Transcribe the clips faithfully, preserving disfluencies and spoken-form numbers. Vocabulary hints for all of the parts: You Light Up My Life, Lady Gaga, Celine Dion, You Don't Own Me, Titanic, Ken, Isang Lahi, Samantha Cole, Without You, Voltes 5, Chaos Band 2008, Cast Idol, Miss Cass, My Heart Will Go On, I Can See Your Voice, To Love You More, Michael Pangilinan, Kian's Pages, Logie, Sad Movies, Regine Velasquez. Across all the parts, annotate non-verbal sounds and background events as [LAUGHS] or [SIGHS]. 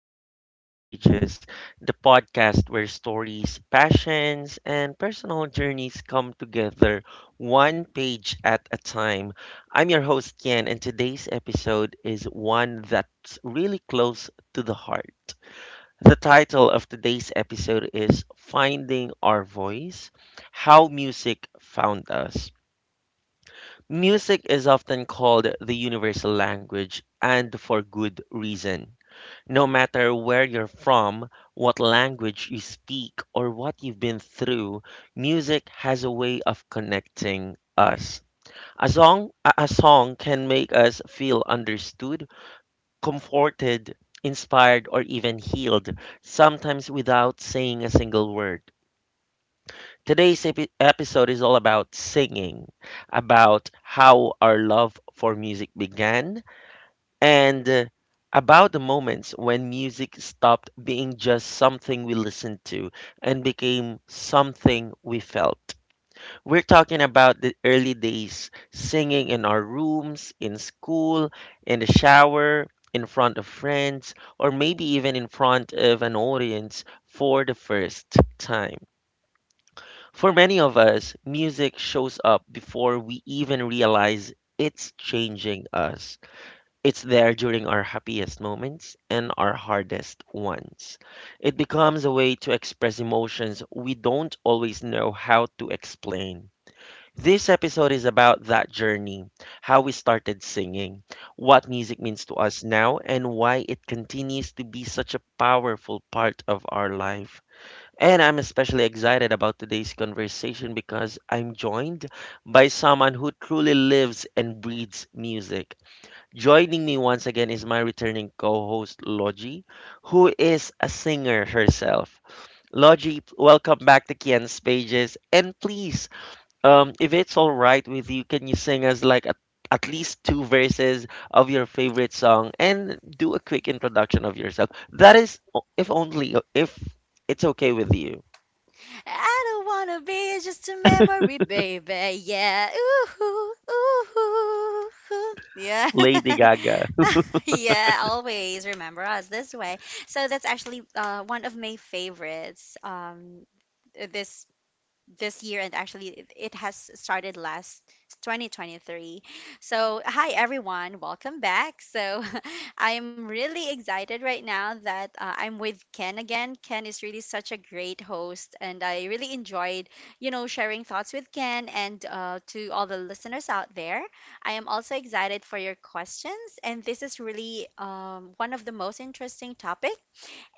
back to Kian's Pages, the podcast where stories, passions, and personal journeys come together one page at a time. I'm your host, Kian, and today's episode is one that's really close to the heart. The title of today's episode is Finding Our Voice, How Music Found Us. Music is often called the universal language, and for good reason. No matter where you're from, what language you speak, or what you've been through, music has a way of connecting us. A song, a a song can make us feel understood, comforted, inspired, or even healed, sometimes without saying a single word. Today's epi- episode is all about singing, about how our love for music began, and uh, about the moments when music stopped being just something we listened to and became something we felt. We're talking about the early days, singing in our rooms, in school, in the shower, in front of friends, or maybe even in front of an audience for the first time. For many of us, music shows up before we even realize it's changing us. It's there during our happiest moments and our hardest ones. It becomes a way to express emotions we don't always know how to explain. This episode is about that journey, how we started singing, what music means to us now, and why it continues to be such a powerful part of our life. And I'm especially excited about today's conversation because I'm joined by someone who truly lives and breathes music. Joining me once again is my returning co host, Logie, who is a singer herself. Logie, welcome back to Kian's Pages. And please, um, if it's all right with you, can you sing us like at, at least two verses of your favorite song and do a quick introduction of yourself? That is, o- if only, if it's okay with you. I don't wanna be just a memory, baby. Yeah. Ooh, ooh, ooh, ooh. Yeah. Lady Gaga. [LAUGHS] Yeah, always remember us this way. So that's actually uh, one of my favorites. Um this this year, and actually it it has started last twenty twenty-three. So hi everyone, welcome back. So [LAUGHS] I'm really excited right now that uh, I'm with Ken again. Ken is really such a great host, and I really enjoyed you know sharing thoughts with Ken. And uh, to all the listeners out there, I am also excited for your questions, and this is really um, one of the most interesting topic.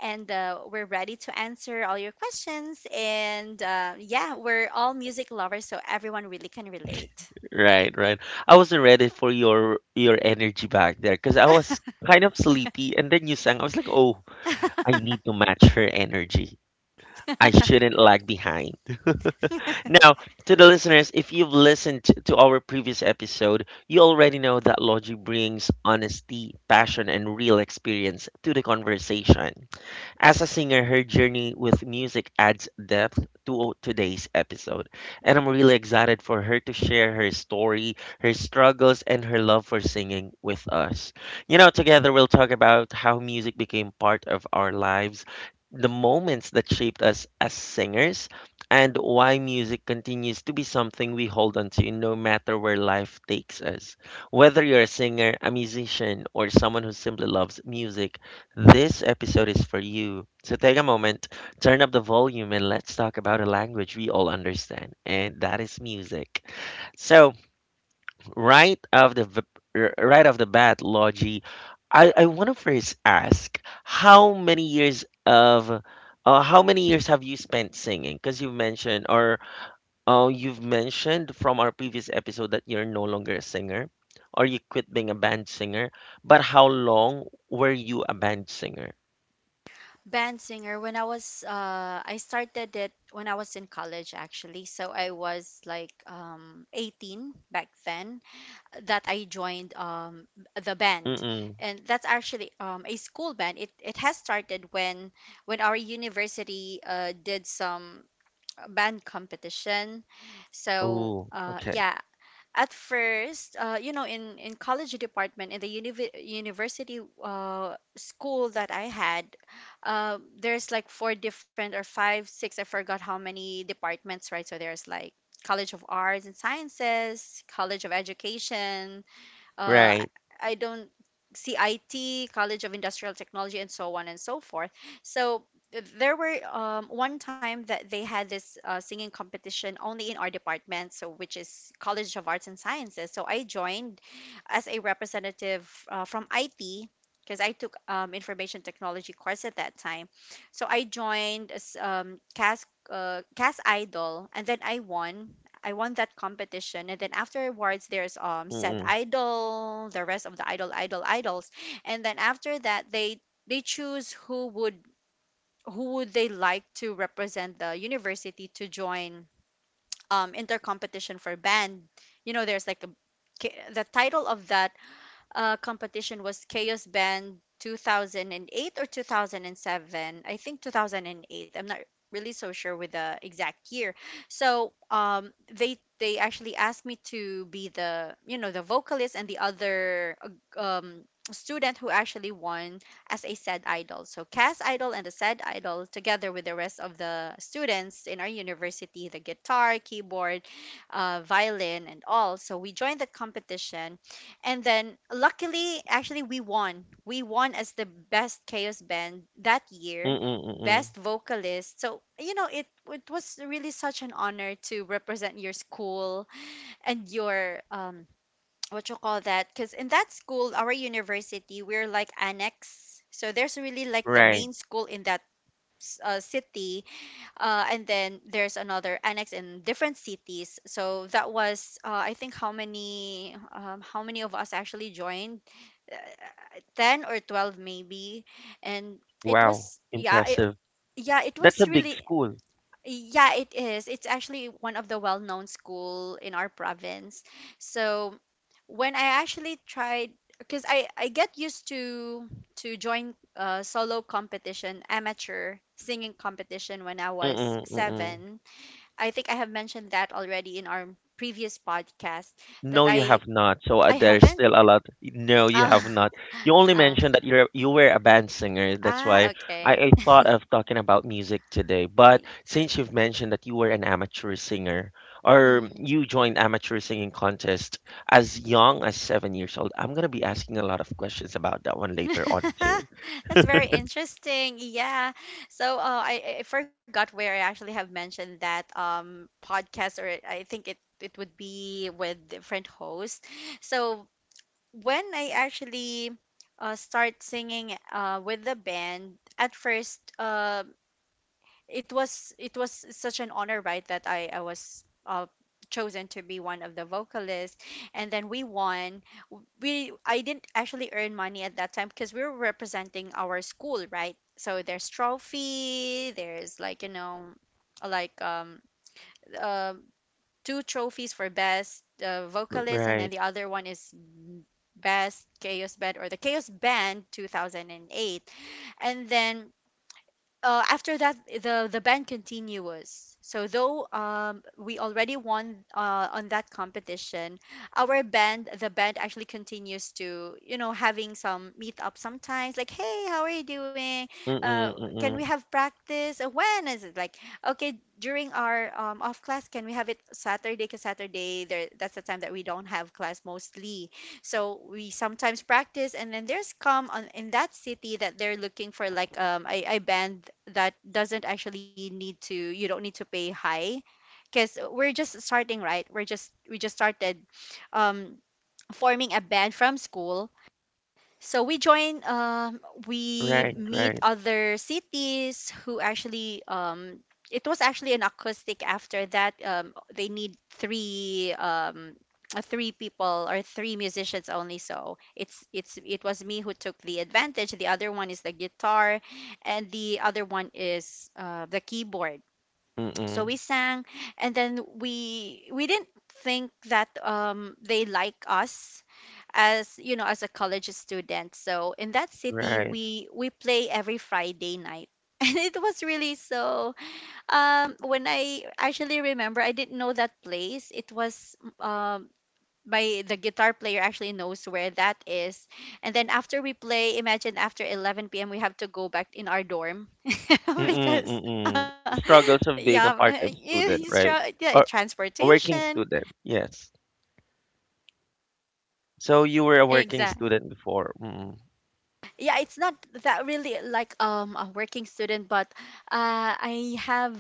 And uh, we're ready to answer all your questions. And uh, yeah, we're all music lovers, so everyone really can relate. Right, right. I wasn't ready for your your energy back there because I was kind of sleepy and then you sang. I was like, oh, I need to match her energy. I shouldn't lag behind. [LAUGHS] Now, to the listeners, if you've listened t- to our previous episode, you already know that Logi brings honesty, passion, and real experience to the conversation. As a singer, her journey with music adds depth to today's episode, and I'm really excited for her to share her story, her struggles, and her love for singing with us. You know, together we'll talk about how music became part of our lives, the moments that shaped us as singers, and why music continues to be something we hold on to no matter where life takes us. Whether you're a singer, a musician, or someone who simply loves music, this episode is for you. So take a moment, turn up the volume, and let's talk about a language we all understand, and that is music. So right off the v- r- right off the bat, Logie, I, I want to first ask how many years of uh, how many years have you spent singing? Because you mentioned or uh, you've mentioned from our previous episode that you're no longer a singer or you quit being a band singer. But how long were you a band singer? Band singer, when I was, uh, I started it when I was in college actually. So I was like um, eighteen back then, that I joined um, the band. Mm. And that's actually um, a school band. It, it has started when, when our university uh, did some uh, band competition, so Ooh, uh, okay. yeah. At first, uh, you know, in in college department in the univ- university uh, school that I had, uh, there's like four different or five, six, I forgot how many departments, right? So there's like College of Arts and Sciences, College of Education, uh, I Right. I don't see I T, College of Industrial Technology, and so on and so forth. So th- there were um, one time that they had this uh, singing competition only in our department, so which is College of Arts and Sciences. So I joined as a representative uh, from I T, because I took um, information technology course at that time. So I joined as um, Cast uh, Cast Idol, and then I won I won that competition. And then afterwards, there's um said Mm. idol, the rest of the idol, idol, idols. And then after that, they they choose who would who would they like to represent the university to join um inter competition for band. You know, there's like a ki- the title of that uh, competition was Chaos Band two thousand eight or two thousand seven. I think two thousand eight. I'm not really so sure with the exact year. So um, they they actually asked me to be the, you know, the vocalist, and the other uh, um, student who actually won as a said idol. So Cass idol and the said idol together with the rest of the students in our university, the guitar, keyboard, uh, violin, and all. So we joined that competition, and then luckily, actually, we won. We won as the best chaos band that year, Mm, mm. best vocalist. So, you know, it, it was really such an honor to represent your school and your, um, [TSK] what you call that? Because in that school, our university, we're like annex. So there's really like the Right. main school in that s- uh, city, uh, and then there's another annex in different cities. So that was uh, I think how many um, how many of us actually joined, uh, ten or twelve maybe. And it Wow, was yeah it, impressive. yeah it That's a was big really school. yeah, it is. It's actually one of the well-known school in our province. So when I actually tried, because I, I get used to to join uh, solo competition, amateur singing competition when I was Mm, mm. seven. I think I have mentioned that already in our previous podcast. That No, you I have not. So uh, I there's haven't still a lot. No, you Oh, have [LAUGHS] not. You only uh, mentioned that you're you were a band singer. That's ah, why okay. I, I thought of talking about music today. But since you've mentioned that you were an amateur singer, or Mm. you joined amateur singing contest as young as seven years old, I'm gonna be asking a lot of questions about that one later on too. [LAUGHS] That's very interesting. Yeah. So, uh, I, I forgot where I actually have mentioned that um podcast, or I think it it would be with different hosts. So when I actually uh start the band, at first, uh, it was it was such an honor, right, that i i was uh chosen to be one of the vocalists. And then we won we I didn't actually earn money at that time, because we were representing our school, right? So there's trophy, there's like, you know, like um uh, two trophies for best uh, vocalist, and then Right. the other one is best chaos band or the chaos band two thousand eight. And then uh, after that, the the ban continues. So though um, we already won uh, on that competition, our band, the band actually continues to, you know, having some meet up sometimes. Like, hey, how are you doing? Uh, Mm-mm, can we mm-mm. have practice? Uh, When is it? Like, okay, during our um, off class, can we have it Saturday? Because Saturday, there that's the time that we don't have class mostly. So we sometimes practice, and then there's come on in that city that they're looking for like um a, a band that doesn't actually need to, you don't need to pay high, because we're just starting, right? We're just we just started, um forming a band from school, so we join. Um, we Right, meet right. other cities who actually. Um, it was actually an acoustic. After that, um, they need three. Um, uh, three people or three musicians only. So it's it's it was me who took the advantage, the other one is the guitar, and the other one is uh, the keyboard. So Mm-mm, we sang, and then we we didn't think that um, they like us, as you know, as a college student. So in that city, right. we we play every Friday night. [LAUGHS] And it was really so um when I actually remember, I didn't know that place. It was um, my, the guitar player actually knows where that is. And then after we play, imagine, after eleven p.m., we have to go back in our dorm. [LAUGHS] Mm-mm, Because mm-mm. uh, The struggles yeah. of being Uh, a you, part-time you student, str- right? yeah, Or a transportation. working student, yes. So you were a working Exactly. student before. Mm-mm, Yeah, it's not that really like um a working student, but uh I have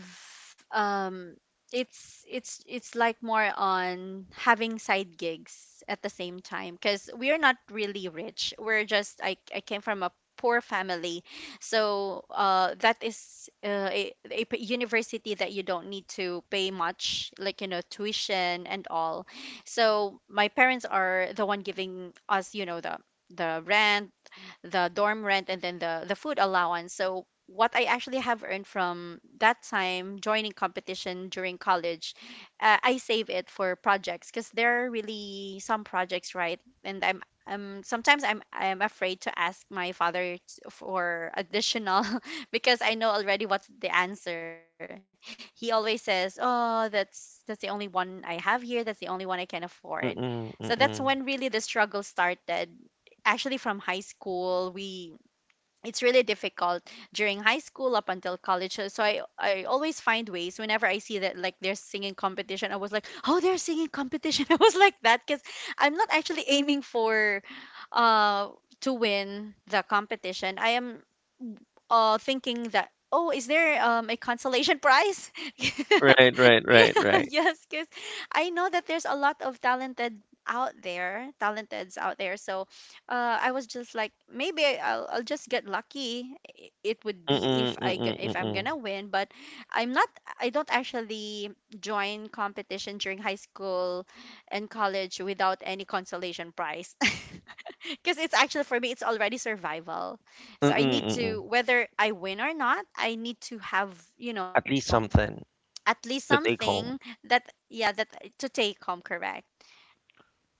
um it's it's it's like more on having side gigs at the same time, because we're not really rich. We're just, i, I came from a poor family. So uh, that is uh, a, a p- university that you don't need to pay much, like, you know, tuition and all. So my parents are the one giving us, you know, the the rent, the dorm rent, and then the the food allowance. So what I actually have earned from that time joining competition during college, uh, I save it for projects, because there are really some projects, right? And I'm um, sometimes I'm I'm afraid to ask my father t- for additional. [LAUGHS] Because I know already what's the answer. He always says, "Oh, that's that's the only one I have here. That's the only one I can afford." So mm-mm, that's when mm-mm. really the struggle started. Actually, from high school, we it's really difficult during high school up until college. So so i i always find ways whenever I see that, like, there's singing competition. I was like, oh, there's singing competition. [LAUGHS] I was like that, because I'm not actually aiming for uh to win the competition. I am uh thinking that, oh, is there um a consolation prize? [LAUGHS] Right, right, right, Yeah, right. yes, because I know that there's a lot of talented out there talenteds out there. So uh I was just like, maybe I- i'll, I'll just get lucky. I- it would be Mm-mm, if i g- mm-mm, if I'm gonna mm-mm. win. But i'm not I don't actually join competition during high school and college without any consolation prize. [LAUGHS] Because it's actually, for me, it's already survival. So I Mm-mm, need mm-mm. to, whether I win or not, I need to have, you know, At least something at least to something take home. that, yeah, that uh, to take home, correct?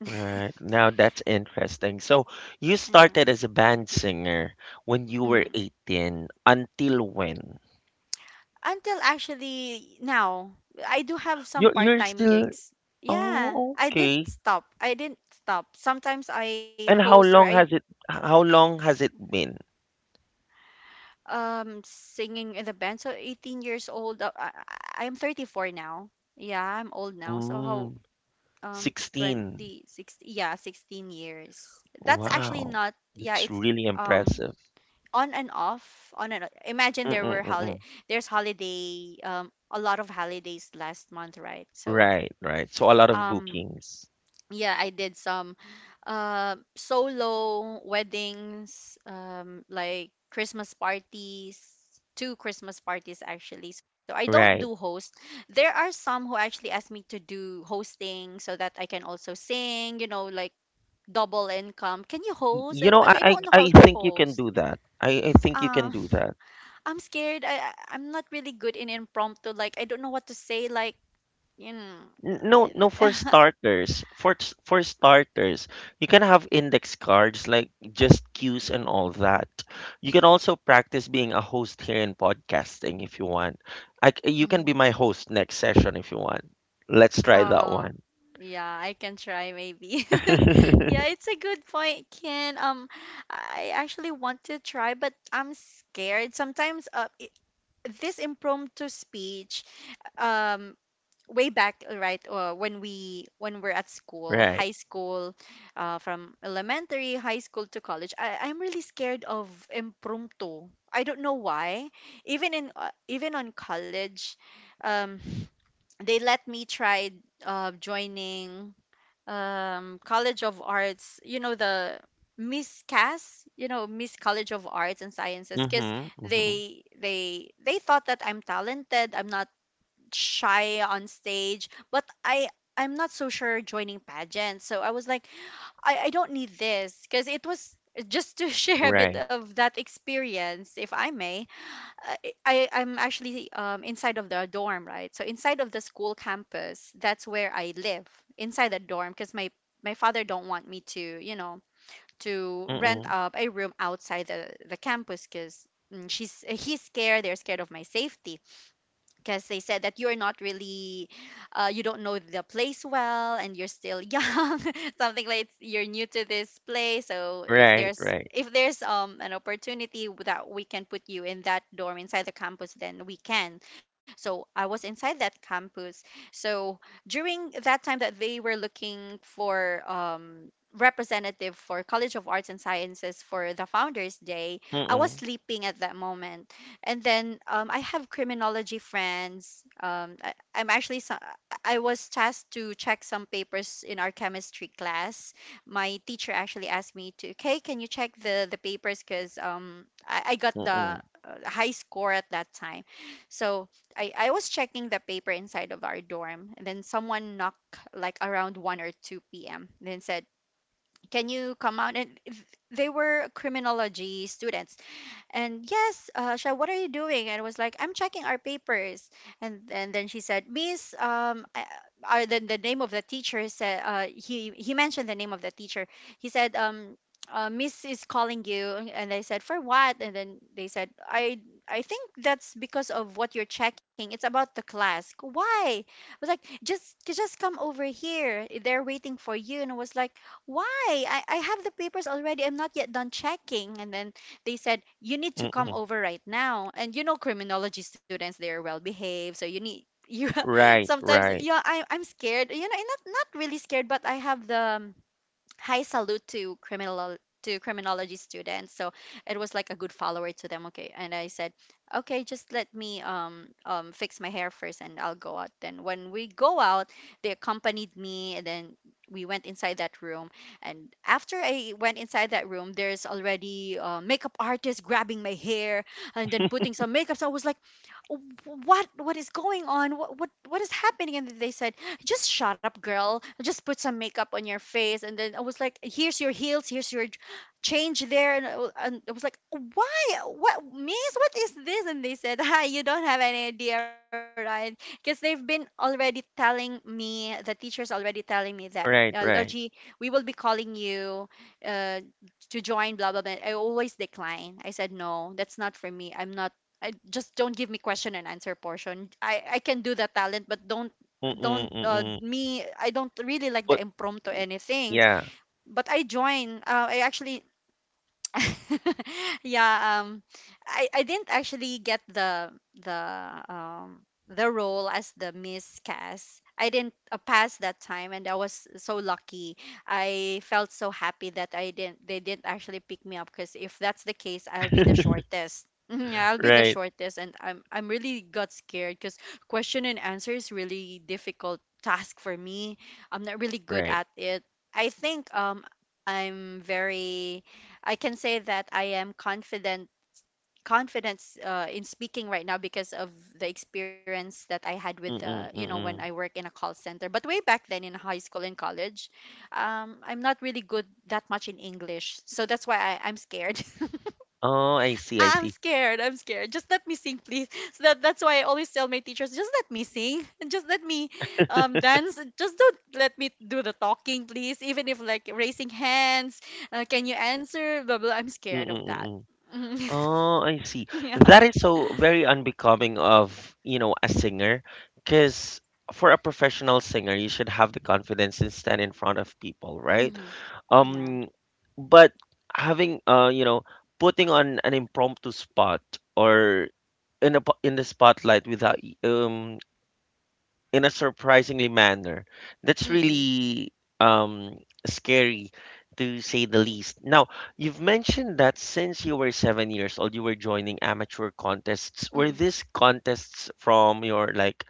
Right. Now that's interesting. So you Yeah. started as a band singer when you were Mm. eighteen. Until when? Until actually now, I do have some You're part you're time still gigs. Yeah, Oh, I didn't okay. stop. I didn't stop. Sometimes I And host how or I long has it how long has it been? um singing in the band. So eighteen years old. Uh, I, I I am thirty-four now. Yeah, I'm old now. So how, Mm, um, sixteen. twenty, sixteen, yeah, sixteen years. That's actually Wow. not, yeah, That's it's really um impressive. on and off, on and off. Imagine there were Mm-mm-mm. holi there's holiday, um, a lot of holidays last month, right? So, Right, right. So a lot of um, bookings. yeah, I did some uh, solo weddings, um, like Christmas parties, two Christmas parties actually. So I don't Right. do host. There are some who actually ask me to do hosting so that I can also sing, you know, like double income, can you Y- host You it? know, But I, I I don't know I how to think you host. can do that. I, I think you Ah, can do that. [LAUGHS] I'm scared. I, I I'm not really good in impromptu, like I don't know what to say, like, you know. N- No, no, for starters, for s- for starters, you can have index cards like just cues and all that. You can also practice being a host here in podcasting if you want. I, c- you can be [LAUGHS] my host next session if you want. Let's try that Oh, one. yeah, I can try maybe. [LAUGHS] Yeah, [LAUGHS] it's a good point, Ken. Um, I actually want to try, but I'm scared. Sometimes, uh, i- this impromptu speech, um, way back, right, uh, when we when we're at school, Right. high school, uh, from elementary, high school to college, I, I'm really scared of impromptu. I don't know why. Even in uh, even on college, um they let me try uh, joining um, College of Arts, you know, the Miss Cass, you know, Miss College of Arts and Sciences, because Mm-hmm. Mm-hmm. they they they thought that I'm talented, I'm not shy on stage, but I I'm not so sure joining pageants. So I was like, I, I don't need this because it was just to [LAUGHS] share a bit Right. of that experience, if I may. I, I I'm actually um, inside of the dorm, right? So inside of the school campus, that's where I live inside the dorm because my my father don't want me to, you know, to rent Mm-mm. out a room outside the the campus because she's he's scared. They're scared of my safety because they said that you're not really uh, you don't know the place well and you're still young [LAUGHS] something like you're new to this place, so if there's Right. Right. if there's um an opportunity that we can put you in that dorm inside the campus, then we can. So I was inside that campus. So during that time that they were looking for um representative for College of Arts and Sciences for the Founders Day, I was Mm-mm. sleeping at that moment. And then um, I have criminology friends. Um, I, I'm actually so- I was tasked to check some papers in our chemistry class. My teacher actually asked me to, okay, can you check the the papers because um, I, I got the uh, Mm-mm. high score at that time. So I, I was checking the paper inside of our dorm, and then someone knocked like around one or two p m. Then said, can you come out and th- they were criminology students. And, yes, uh, Sha, what are you doing? And I was like, I'm checking our papers. And and then she said, Miss, um, I, I, the, the name of the teacher said, uh, he he mentioned the name of the teacher. He said, um, uh, Miss is calling you. And I said, for what? And then they said, I I think that's because of what you're checking. It's about the class. Why? I was like, just just come over here. They're waiting for you. And I was like, why? I, I have the papers already. I'm not yet done checking. And then they said, you need to come Mm-mm. over right now. And you know, criminology students, they're well behaved. So you need, [LAUGHS] you Right. sometimes, Right. yeah, I, I'm scared. You know, and not, not really scared, but I have the, um, high salute to criminal to criminology students, so it was like a good follower to them. Okay, and I said, okay, just let me um, um fix my hair first and I'll go out. Then when we go out, they accompanied me, and then we went inside that room. And after I went inside that room, there's already a makeup artist grabbing my hair and then putting some makeup. So I was like, "Oh, what what is going on? what what, what is happening?" And they said, just shut up, girl. Just put some makeup on your face. And then I was like, here's your heels, here's your j- change there. And I, wa- and I was like, why? What, miss? What is this? And they said, hi, you don't have any idea, right? Because they've been already telling me, the teacher's already telling me that, uh, Right. Logie, Right. we will be calling you uh, to join, blah, blah, blah. I always decline. I said, no, that's not for me. I'm not I just, don't give me question and answer portion. I, I can do the talent, but don't Mm-mm. don't uh, Mm-mm. me I don't really like the But impromptu anything. yeah. But I join. Uh, I actually [LAUGHS] yeah, um i i didn't actually get the the um the role as the Miss Cass. I didn't uh, pass that time, and I was so lucky. I felt so happy that I didn't, they didn't actually pick me up, because if that's the case, I'll be the shortest. [LAUGHS] Mhm, yeah, I'll be the Right. shortest. And I'm I'm really got scared because question and answer is really difficult task for me. I'm not really good Right. at it. I think um I'm very I can say that I am confident confidence uh, in speaking right now because of the experience that I had with the, you Mm, know, when I work mm. in a call center. But way back then in high school and college, um, I'm not really good that much in English, so that's why I, I'm scared. [LAUGHS] Oh, I see, I I- I'm see. scared. I'm scared. Just let me sing, please. [LAUGHS] So that that's why I always tell my teachers, just let me sing. [LAUGHS] Just let me um dance. Just don't let me do the talking, please. Even if like raising hands, uh, can you answer? Blah blah. I'm Mm, scared of mm, that. mm. Mhm. Oh, I see. [LAUGHS] Yeah. That is so very unbecoming of, you know, a singer, because for a professional singer, you should have the confidence and stand in front of people, right? Hmm. Yeah. Um, but having, uh, you know, putting on an impromptu spot or in a po- in the spotlight without y- um in a surprisingly manner. That's Mm-mm. really um, scary to say the least. Now, you've mentioned that since you were seven years old, you were joining amateur contests. Were Hmm. these contests from your like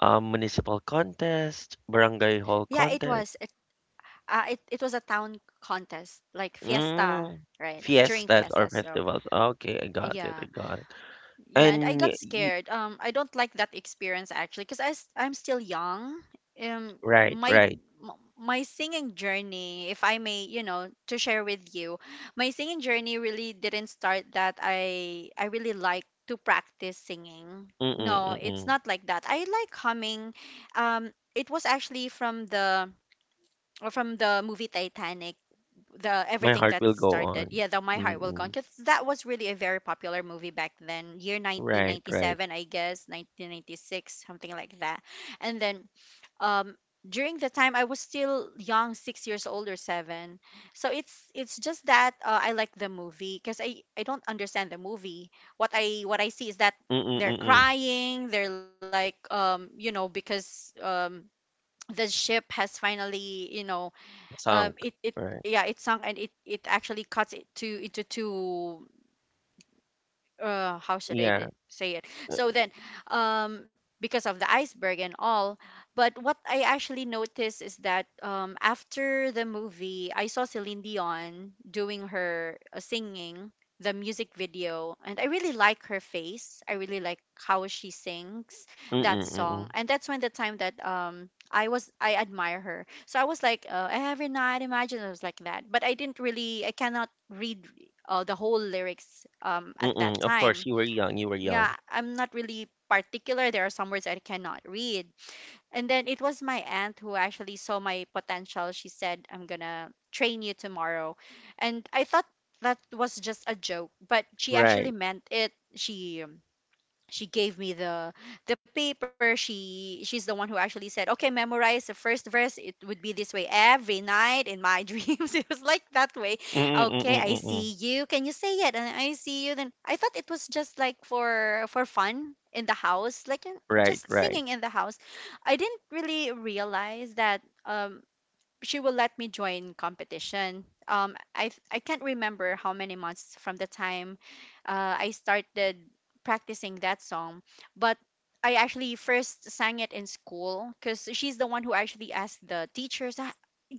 um, municipal contest, Yeah. barangay It hall was. It, contest, uh, It it was a town contest, like fiesta, mm, right? During fiesta, fiestas or so festivals? Okay, I got yeah. it. I got it. Yeah, and I got And you, scared. Um, I don't like that experience actually, because I s- I'm still young. Um, right, my right. m- my singing journey, if I may, you know, to share with you, my singing journey really didn't start that I I really like to practice singing. Mm-mm, No, it's mm-mm. not like that. I like humming. Um, it was actually from the or from the movie Titanic, the My everything heart that will go started. on. Yeah, the My Heart Will Go On, Mm-mm. because that was really a very popular movie back then, year Right, right. nineteen ninety-seven, I guess nineteen ninety-six, something like that. And then um during the time I was still young, six years old or seven. So it's it's just that, uh, I like the movie because i I don't understand the movie. What i what I see is that they're Mm-mm-mm. crying, they're like, um you know, because um the ship has finally, you know, um Sunk, it it, right. yeah, it sunk. And it it actually cuts it to into two. Uh, how should I Yeah. d- say it? So then, um, because of the iceberg and all. But what I actually noticed is that, um, after the movie, I saw Celine Dion doing her uh, singing the music video, and I really like her face. I really like how she sings that Mm-mm, mm-mm. song. And that's when the time that, um. I was, I admire her. So I was like, uh, every night imagine I was like that. But I didn't really, I cannot read uh, the whole lyrics um, at Mm-mm. that Of course, time. you were young. You were young. Yeah, I'm not really particular. There are some words I cannot read. And then it was my aunt who actually saw my potential. She said, I'm going to train you tomorrow. And I thought that was just a joke, but she actually Right. meant it. She um, she gave me the the paper. She she's the one who actually said, okay, memorize the first verse. It would be this way. Every night in my [LAUGHS] dreams, it was like that way. Mm-mm, Okay, mm-mm, I mm-mm. see. You can, you say it and I see you. Then I thought it was just like for for fun in the house, like, uh, Right, just right. singing in the house. I didn't really realize that um she will let me join competition. Um, I th- I can't remember how many months from the time uh, I started practicing that song, but I actually first sang it in school because she's the one who actually asked the teachers. "Ah,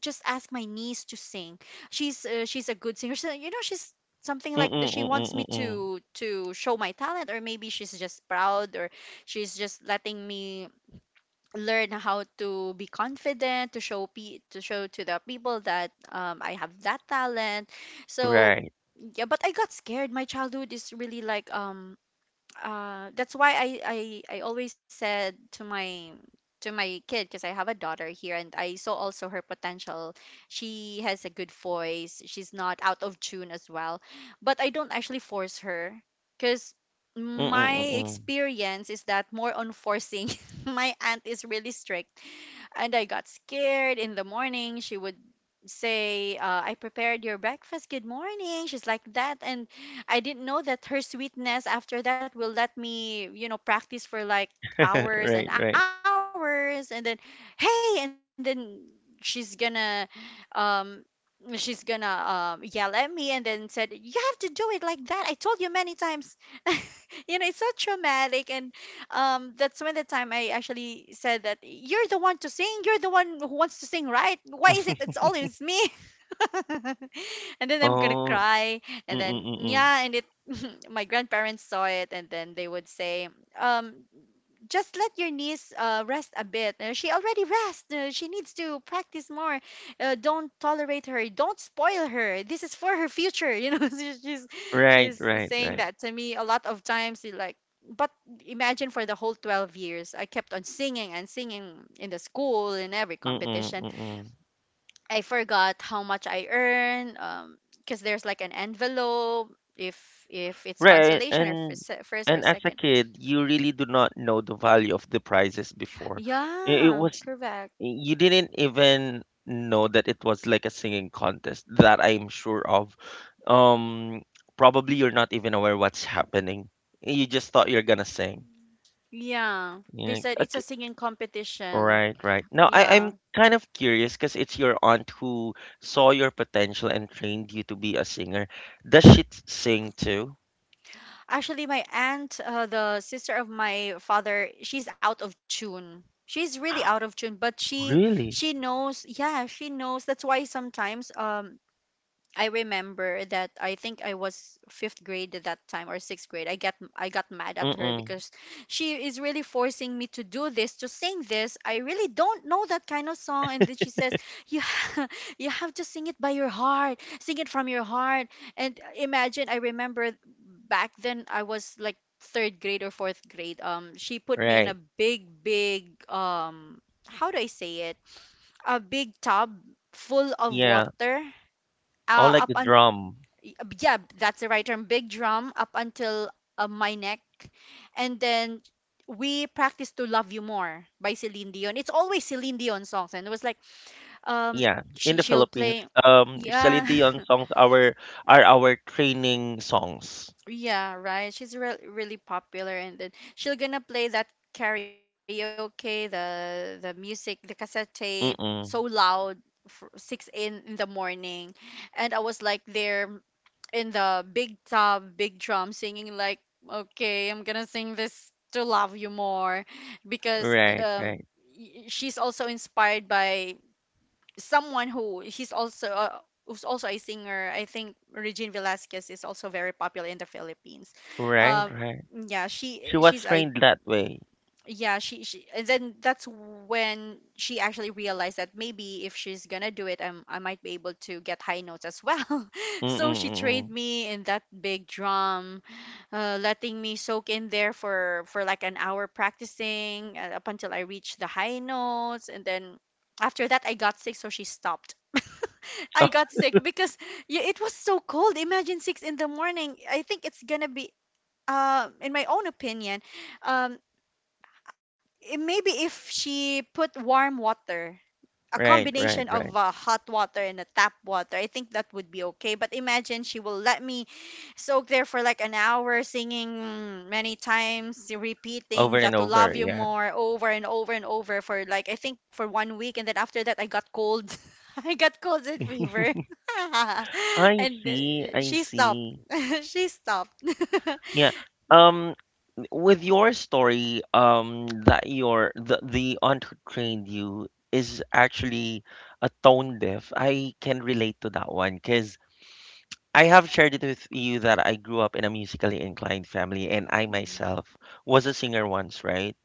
just ask my niece to sing. She's uh, she's a good singer. So, you know, she's something Mm-mm, like th- she mm-mm, wants me mm-mm. to to show my talent, or maybe she's just proud, or she's just letting me learn how to be confident to show pe- to show to the people that, um, I have that talent." So Right. yeah, but I got scared. My childhood is really like, um uh, that's why I, I I always said to my to my kid, because I have a daughter here and I saw also her potential. She has a good voice. She's not out of tune as well, but I don't actually force her because Mm-mm, my mm-mm. experience is that more on forcing. [LAUGHS] My aunt is really strict, and I got scared. In the morning, she would say, uh, I prepared your breakfast. Good morning. She's like that. And I didn't know that her sweetness after that will let me, you know, practice for like [LAUGHS] Right, hours right. and hours. And then, hey, and then she's gonna, um, she's gonna um, yell at me and then said, you have to do it like that, I told you many times. [LAUGHS] You know, it's so traumatic. And um that's when the time I actually said that you're the one to sing, you're the one who wants to sing, right? Why is it it's [LAUGHS] always me? [LAUGHS] And then I'm gonna Oh, cry. mm-mm, mm-mm. Yeah, and it, my grandparents saw it, and then they would say, um, just let your niece uh, rest a bit. Uh, she already rests. Uh, she needs to practice more. Uh, don't tolerate her. Don't spoil her. This is for her future. You know, [LAUGHS] she's she's Right, she's right, saying right. that to me a lot of times. She's like, but imagine for the whole twelve years, I kept on singing and singing in the school in every Mm-mm, competition. mm-mm. I forgot how much I earn. Um, because there's like an envelope if if it's Right, consolation or and se- first and or as a second. kid, you really do not know the value of the prizes before. It, it Yeah, was correct. you didn't even know that it was like a singing contest that I'm sure of. Um, probably you're not even aware what's happening. You just thought you're gonna sing. Yeah, You're they like, said it's okay, a singing competition. right, right. Now I, I'm Yeah. kind of curious because it's your aunt who saw your potential and trained you to be a singer. Does she t- sing too? Actually, my aunt, uh, the sister of my father, she's out of tune. She's really out of tune, but she she Really? knows. Yeah, she knows. That's why sometimes um I remember that I think I was fifth grade at that time or sixth grade. I get I got mad at her Mm-mm. because she is really forcing me to do this, to sing this. I really don't know that kind of song, and then she says, "You ha- [LAUGHS] you have to sing it by your heart, sing it from your heart." And imagine, I remember back then I was like third grade or fourth grade. Um, she put me in a Right. big, big um, how do I say it? A big tub full of Yeah. water Oh, uh, like up the y- drum. uh, yeah, that's the right term, big drum up until uh, my neck. And then we practiced To Love You More by Celine Dion. It's always Celine Dion songs, and it was like um Yeah, in she, the she'll Philippines, play, um, yeah. Celine Dion [LAUGHS] songs are are our training songs. Yeah, right. She's re- really popular, and then she'll gonna play that karaoke, the the music, the cassette tape so Mm-mm. loud for six in in the morning, and I was like there in the big tub, big drum, singing like, "Okay, I'm gonna sing this To Love You More," because Right, um, right, y- she's also inspired by someone who he's also uh, who's also a singer. I think Regine Velasquez is also very popular in the Philippines. right, Um, right. yeah, she She was she's a trained that way. yeah she, she and then that's when she actually realized that maybe if she's gonna do it, I'm, i might be able to get high notes as well. [LAUGHS] So she trained Mm-mm-mm. me in that big drum, uh, letting me soak in there for for like an hour, practicing, uh, up until I reached the high notes, and then after that I got sick, so she stopped. [LAUGHS] I [LAUGHS] got sick because yeah, it was so cold. Imagine six in the morning. I think it's gonna be, uh, in my own opinion, um, i- maybe if she put warm water, a Right, right, combination right. of uh, hot water and a tap water, I think that would be okay. But imagine she will let me soak there for like an hour, singing many times, repeating Over and that To Love over, You yeah. More over and over and over for like, I think, for one week. And then after that, I got cold. [LAUGHS] I got cold and fever. [LAUGHS] I And see, uh, I she stopped. see. [LAUGHS] She stopped. [LAUGHS] Yeah. Um, with your story, um, that your the the aunt who trained you is actually a tone deaf. I can relate to that one because I have shared it with you that I grew up in a musically inclined family, and I Mm. myself was a singer once, right?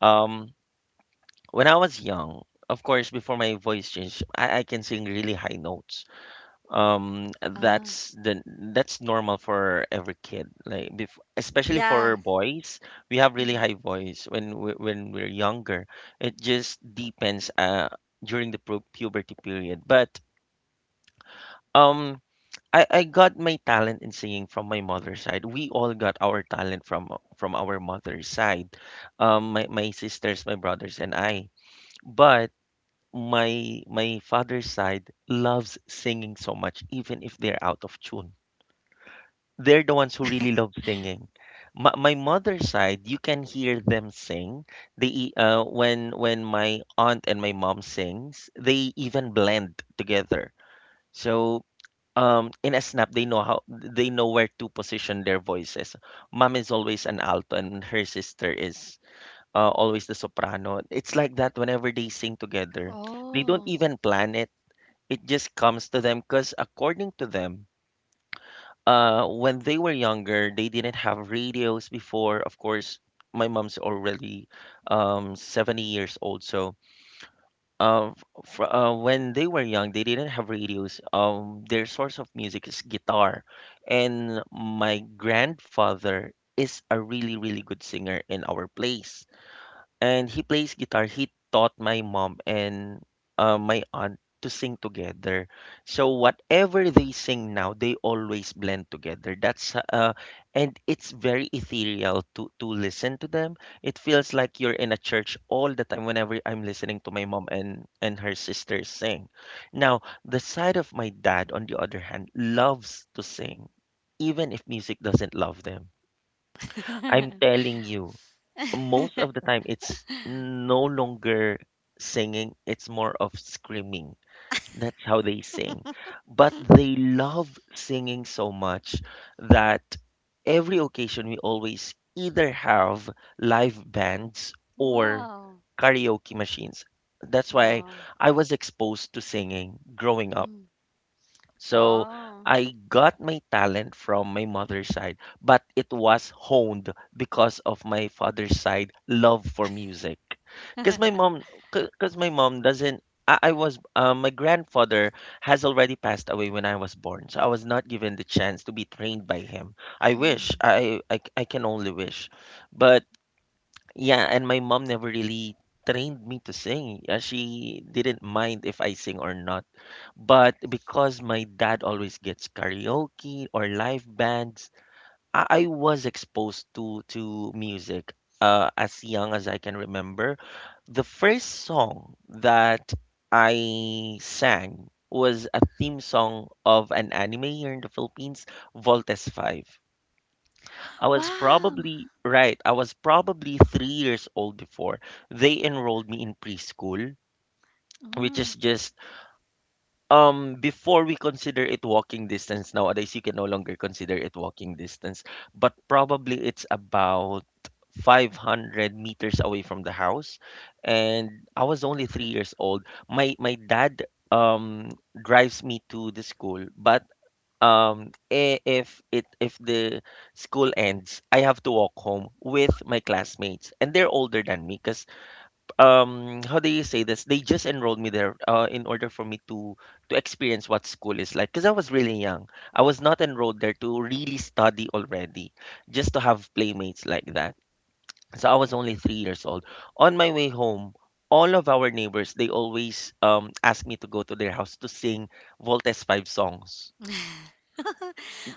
Um, when I was young, of course, before my voice changed, I, I can sing really high notes. Um, Ah, that's the that's normal for every kid, like bef especially yeah. for boys, we have really Mhm. high voice when we, when we're younger. It just depends uh during the pu puberty period. But um. I, I got my talent in singing from my mother's side. We all got our talent from from our mother's side. Um, my, my sisters, my brothers, and I. But my my father's side loves singing so much, even if they're out of tune. They're the ones who really love singing. My, my mother's side, you can hear them sing. They e- uh, when when my aunt and my mom sings, they even blend together. So um in a snap they know how they know where to position their voices. Mom is always an alto and her sister is uh, always the soprano. It's like that whenever they sing together. They don't Oh. even plan it. It just comes to them because according to them, uh when they were younger they didn't have radios before. Of course my mom's already um seventy years old. So uh, f- uh, when they were young, they didn't have radios. Um, their source of music is guitar, and my grandfather is a really, really good singer in our place and he plays guitar. He taught my mom and uh, my aunt to sing together. So whatever they sing now, they always blend together. That's uh, and it's very ethereal to to listen to them. It feels like you're in a church all the time whenever I'm listening to my mom and and her sisters sing. Now, the side of my dad, on the other hand, loves to sing, even if music doesn't love them. I'm [LAUGHS] telling you, most of the time it's no longer singing, it's more of screaming. That's how they sing, but they love singing so much that every occasion we always either have live bands or Wow. karaoke machines. That's why Wow. I was exposed to singing growing up. Mm. So Wow. I got my talent from my mother's side, but it was honed because of my father's side love for music. Because my [LAUGHS] mom, because my mom doesn't. I, I was uh, my grandfather has already passed away when I was born, so I was not given the chance to be trained by him. I wish Mm. I I, I can only wish, but yeah, and my mom never really trained me to sing. Uh, She didn't mind if I sing or not, but because my dad always gets karaoke or live bands, I, I was exposed to to music uh, as young as I can remember. The first song that I sang was a theme song of an anime here in the Philippines, Voltes five. I was Wow. probably, right, I was probably three years old before they enrolled me in preschool, which Mm. is just um before we consider it walking distance, nowadays you can no longer consider it walking distance, but probably it's about five hundred meters away from the house. And I was only three years old. My my dad, um drives me to the school, but um i- if it if the school ends, I have to walk home with my classmates, and they're older than me because, um how do you say this, they just enrolled me there uh in order for me to to experience what school is like, because I was really young. I was not enrolled there to really study already, just to have playmates like that. So I was only three years old on my way home. All of our neighbors, they always um ask me to go to their house to sing Voltes five songs. [LAUGHS]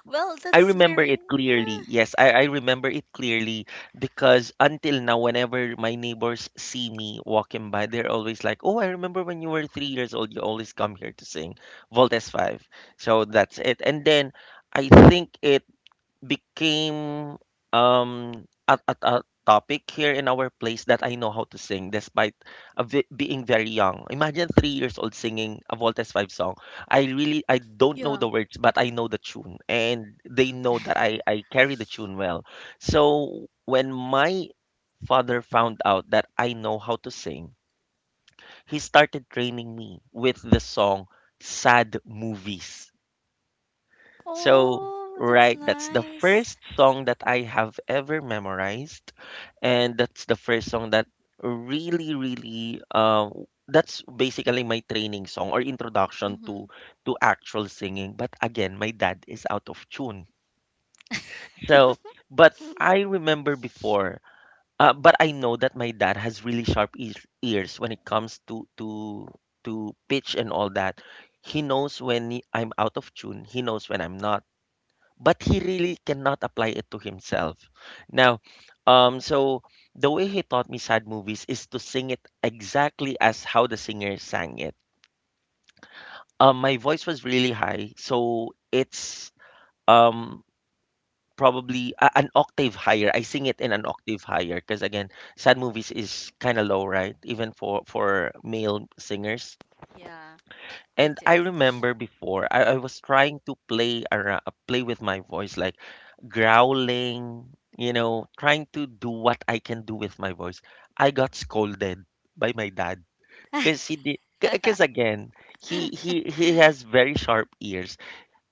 Well, I that's remember very, it clearly. yeah. Yes, I, I remember it clearly because until now, whenever my neighbors see me walking by, they're always like, "Oh, I remember when you were three years old. You always come here to sing Voltes Five." So that's it. And then I think it became um a, a, a topic here in our place that I know how to sing, despite a ve- being very young. Imagine, three years old singing a Voltes five song. I really, I don't know the words, but I know the tune, and they know that I, I carry the tune well. So when my father found out that I know how to sing, he started training me with the song Sad Movies. So, Oh, that's right, that's nice. the first song that I have ever memorized, and that's the first song that really, really, uh, that's basically my training song or introduction Hmm. to to actual singing. But again, my dad is out of tune. So, but I remember before, uh, but I know that my dad has really sharp ears ears when it comes to to to pitch and all that. He knows when he- I'm out of tune. He knows when I'm not, but he really cannot apply it to himself. Now, um, so the way he taught me sad movies is to sing it exactly as how the singer sang it. Um, my voice was really high, so it's um probably a- an octave higher. I sing it in an octave higher because, again, sad movies is kind of low, right? Even for for male singers. Yeah, it And is. I remember before, I, I was trying to play around, play with my voice, like growling, you know, trying to do what I can do with my voice. I got scolded by my dad because he did. Because [LAUGHS] again, he he he has very sharp ears.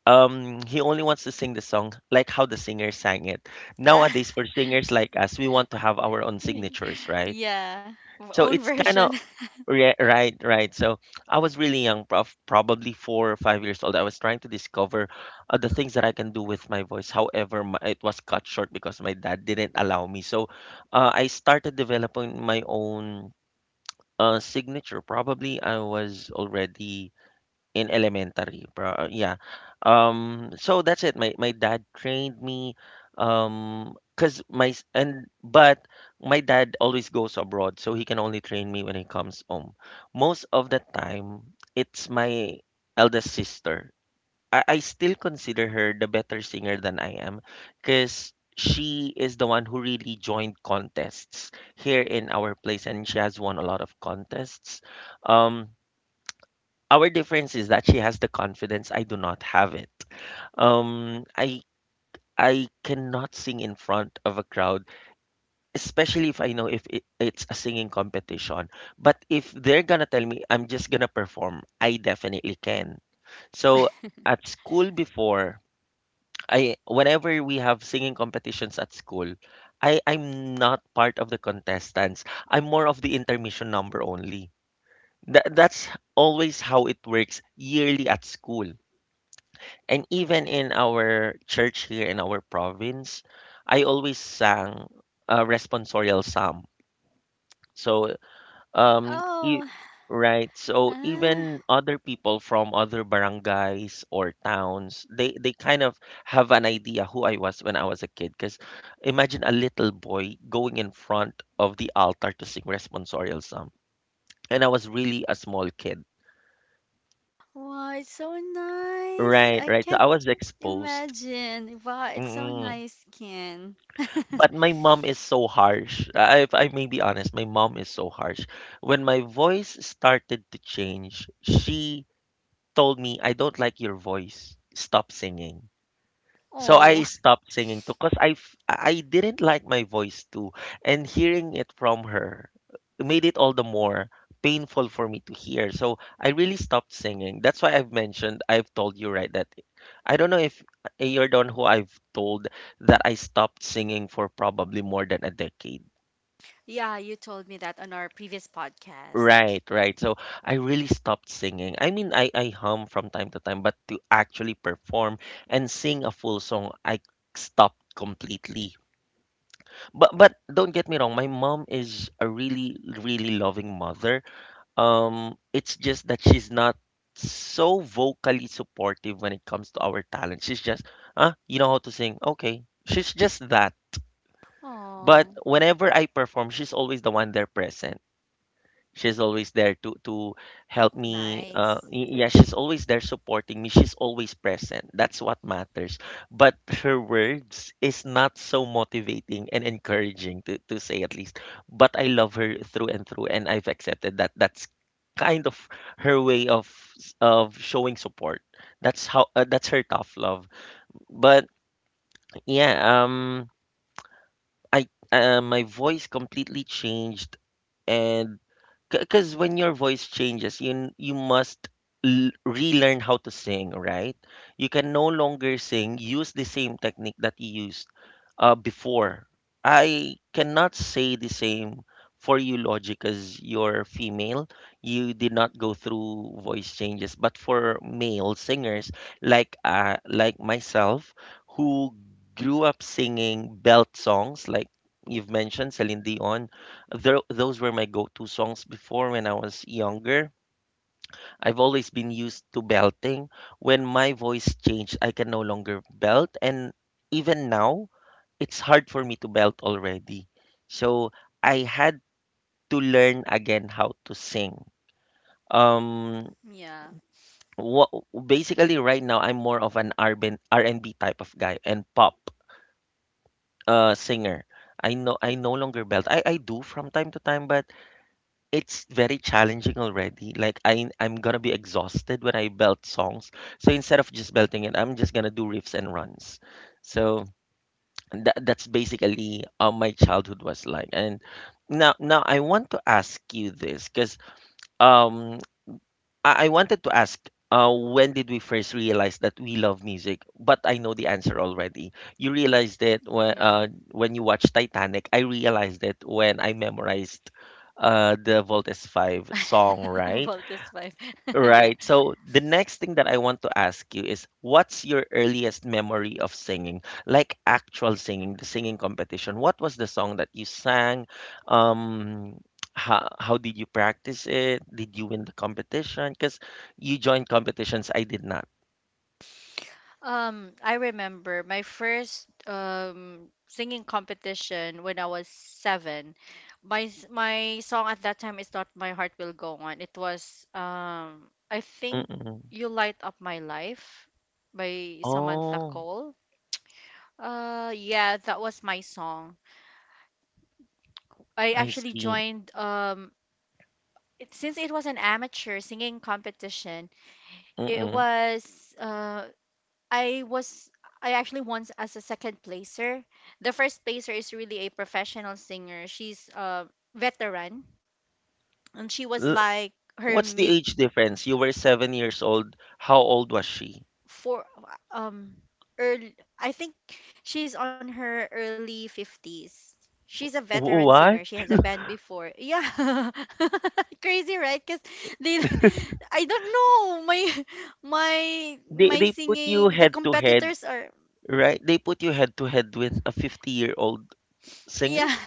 Um, he only wants to sing the song like how the singer sang it. Ah, Nowadays, for singers like us, we want to have our own y- signatures, right? yeah, v- So own it's kind version. of... [LAUGHS] Re- Right, right. So I was really young, prof, probably four or five years old. I was trying to discover uh, the things that I can do with my voice. However, my, it was cut short because my dad didn't allow me. So uh, I started developing my own uh, signature. Probably I was already in elementary, pro uh, yeah. Um, so that's it. My my dad trained me. Um. Cause my s- and but my dad always goes abroad, so he can only train me when he comes home. Most of the time, it's my eldest sister. I, I still consider her the better singer than I am, cause she is the one who really joined contests here in our place, and she has won a lot of contests. Um, our difference is that she has the confidence. I do not have it. Um i i cannot sing in front of a crowd, especially if I know if it, it's a singing competition. But if they're gonna tell me I'm just gonna perform, I definitely can. So at school before, I whenever we have singing competitions at school, i i'm not part of the contestants. I'm more of the intermission number only. Tha- that's always how it works yearly at school. And even in our church here in our province, I always sang a responsorial psalm. So, um, e- Oh, right. So even ah, other people from other barangays or towns, they they kind of have an idea who I was when I was a kid. Because imagine a little boy going in front of the altar to sing responsorial psalm, and I was really a small kid. wow, it's so nice. Right, I right. So I can't was exposed. imagine. Wow, it's so nice, Ken. But my mom is so harsh. I- If I may be honest, my mom is so harsh. When my voice started to change, she told me, I don't like your voice. Stop singing. So I Oh. stopped singing too because I f- I didn't like my voice too, and hearing it from her made it all the more painful for me to hear. So I really stopped singing. That's why I've mentioned I've told you, right, that I don't know if, eh, you're the one who I've told that I stopped singing for probably more than a decade. Yeah, you told me that on our previous podcast. Right, right. So I really stopped singing. I mean, I I hum from time to time, but to actually perform and sing a full song, I stopped completely. But but don't get me wrong, my mom is a really, really loving mother. Um, it's just that she's not so vocally supportive when it comes to our talent. She's just, ah, you know how to sing. Okay. She's just that. But Oh, whenever I perform, she's always the one there present. She's always there to to help me. Uh, nice. y- yeah, she's always there supporting me. She's always present. That's what matters. But her words is not so motivating and encouraging, to, to say at least. But I love her through and through, and I've accepted that. That's kind of her way of s- of showing support. That's how uh, that's her tough love. But yeah, um, I uh, my voice completely changed. And because when your voice changes, you n- you must l- relearn how to sing, right? You can no longer sing, use the same technique that you used uh, before. I cannot say the same for you, Logic, as you're female. You did not go through voice changes. But for male singers like uh, like myself, who grew up singing belt songs like, you've mentioned, Celine Dion, tho- those were my go-to songs before when I was younger. I've always been used to belting. When my voice changed, I can no longer belt, and even now it's hard for me to belt already. So I had to learn again how to sing. Um, Yeah. what basically right now I'm more of an R and B R and B type of guy and pop uh singer. I know I no longer belt. I, I do from time to time, but it's very challenging already. Like I I'm gonna be exhausted when I belt songs. So instead of just belting it, I'm just gonna do riffs and runs. So. And That, that's basically how my childhood was like. And now, now I want to ask you this, because um, I, I wanted to ask, uh, when did we first realize that we love music? But I know the answer already. You realized it when Yeah. uh, when you watched Titanic. I realized it when I memorized uh, the Voltes Five song, [LAUGHS] Well, right? this life. [LAUGHS] Yeah. Right. So the next thing that I want to ask you is, what's your earliest memory of singing? Like actual singing, the singing competition. What was the song that you sang? Um, how, how did you practice it? Did you win the competition? Because you joined competitions, I did not. Um, I remember my first um singing competition when I was seven. My s- my song at that time is not "My Heart Will Go On." It was um I think Mm-mm. "You Light Up My Life" by Samantha Oh, Cole. Uh, yeah, that was my song. I I actually see. joined um it, since it was an amateur singing competition, it Mm-mm. was uh, I was I actually won as a second placer. The first placer is really a professional singer. She's a veteran, and she was L- like her What's the mid age difference? You were seven years old. How old was she? for um early, I think she's on her early fifties. She's a veteran singer. She What? has a band before. Yeah. [LAUGHS] Crazy, right? Cuz they [LAUGHS] I don't know. My [LAUGHS] my They my they put you singing, the head to head. competitors are, Right? They put you head to head with a fifty-year-old yeah. singer?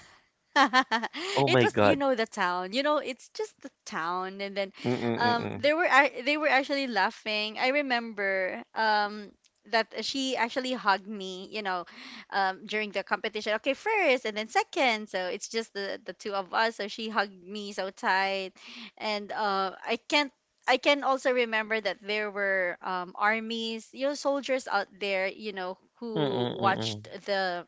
[LAUGHS] Oh It my was, you God. know the town, you know it's just the town, and then um Mm-mm-mm. they were ac- they were actually laughing. I remember, um that she actually hugged me, you know um during the competition. Okay, first and then second, so it's just the the two of us, so she hugged me so tight, and uh, I can't, I can also remember that there were, um, armies, you know, soldiers out there, you know, who Mm-mm-mm. watched the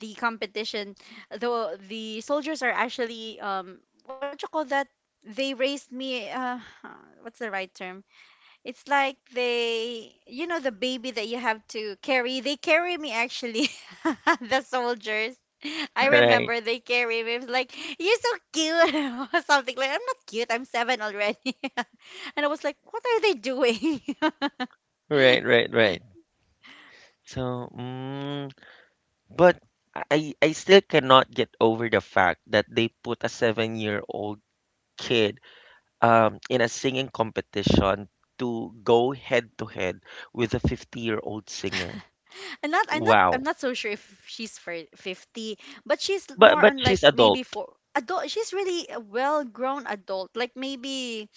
the competition. Though the soldiers are actually, um what you call that, they raised me, uh, [SIGHS] what's the right term, it's like they, you know, the baby that you have to carry, they carry me actually. [LAUGHS] The soldiers, I Right. remember they carry me. It was like, "You're so cute," [LAUGHS] or something like. I'm not cute. I'm seven already, [LAUGHS] and I was like, "What are they doing?" [LAUGHS] Right, right, right. So, mm, but I I still cannot get over the fact that they put a seven-year-old kid um in a singing competition to go head to head with a fifty-year-old singer. I'm not I'm not I'm Wow. not so sure if she's for fifty, but she's But more but on like she's maybe adult, for adult. She's really a well-grown adult, like maybe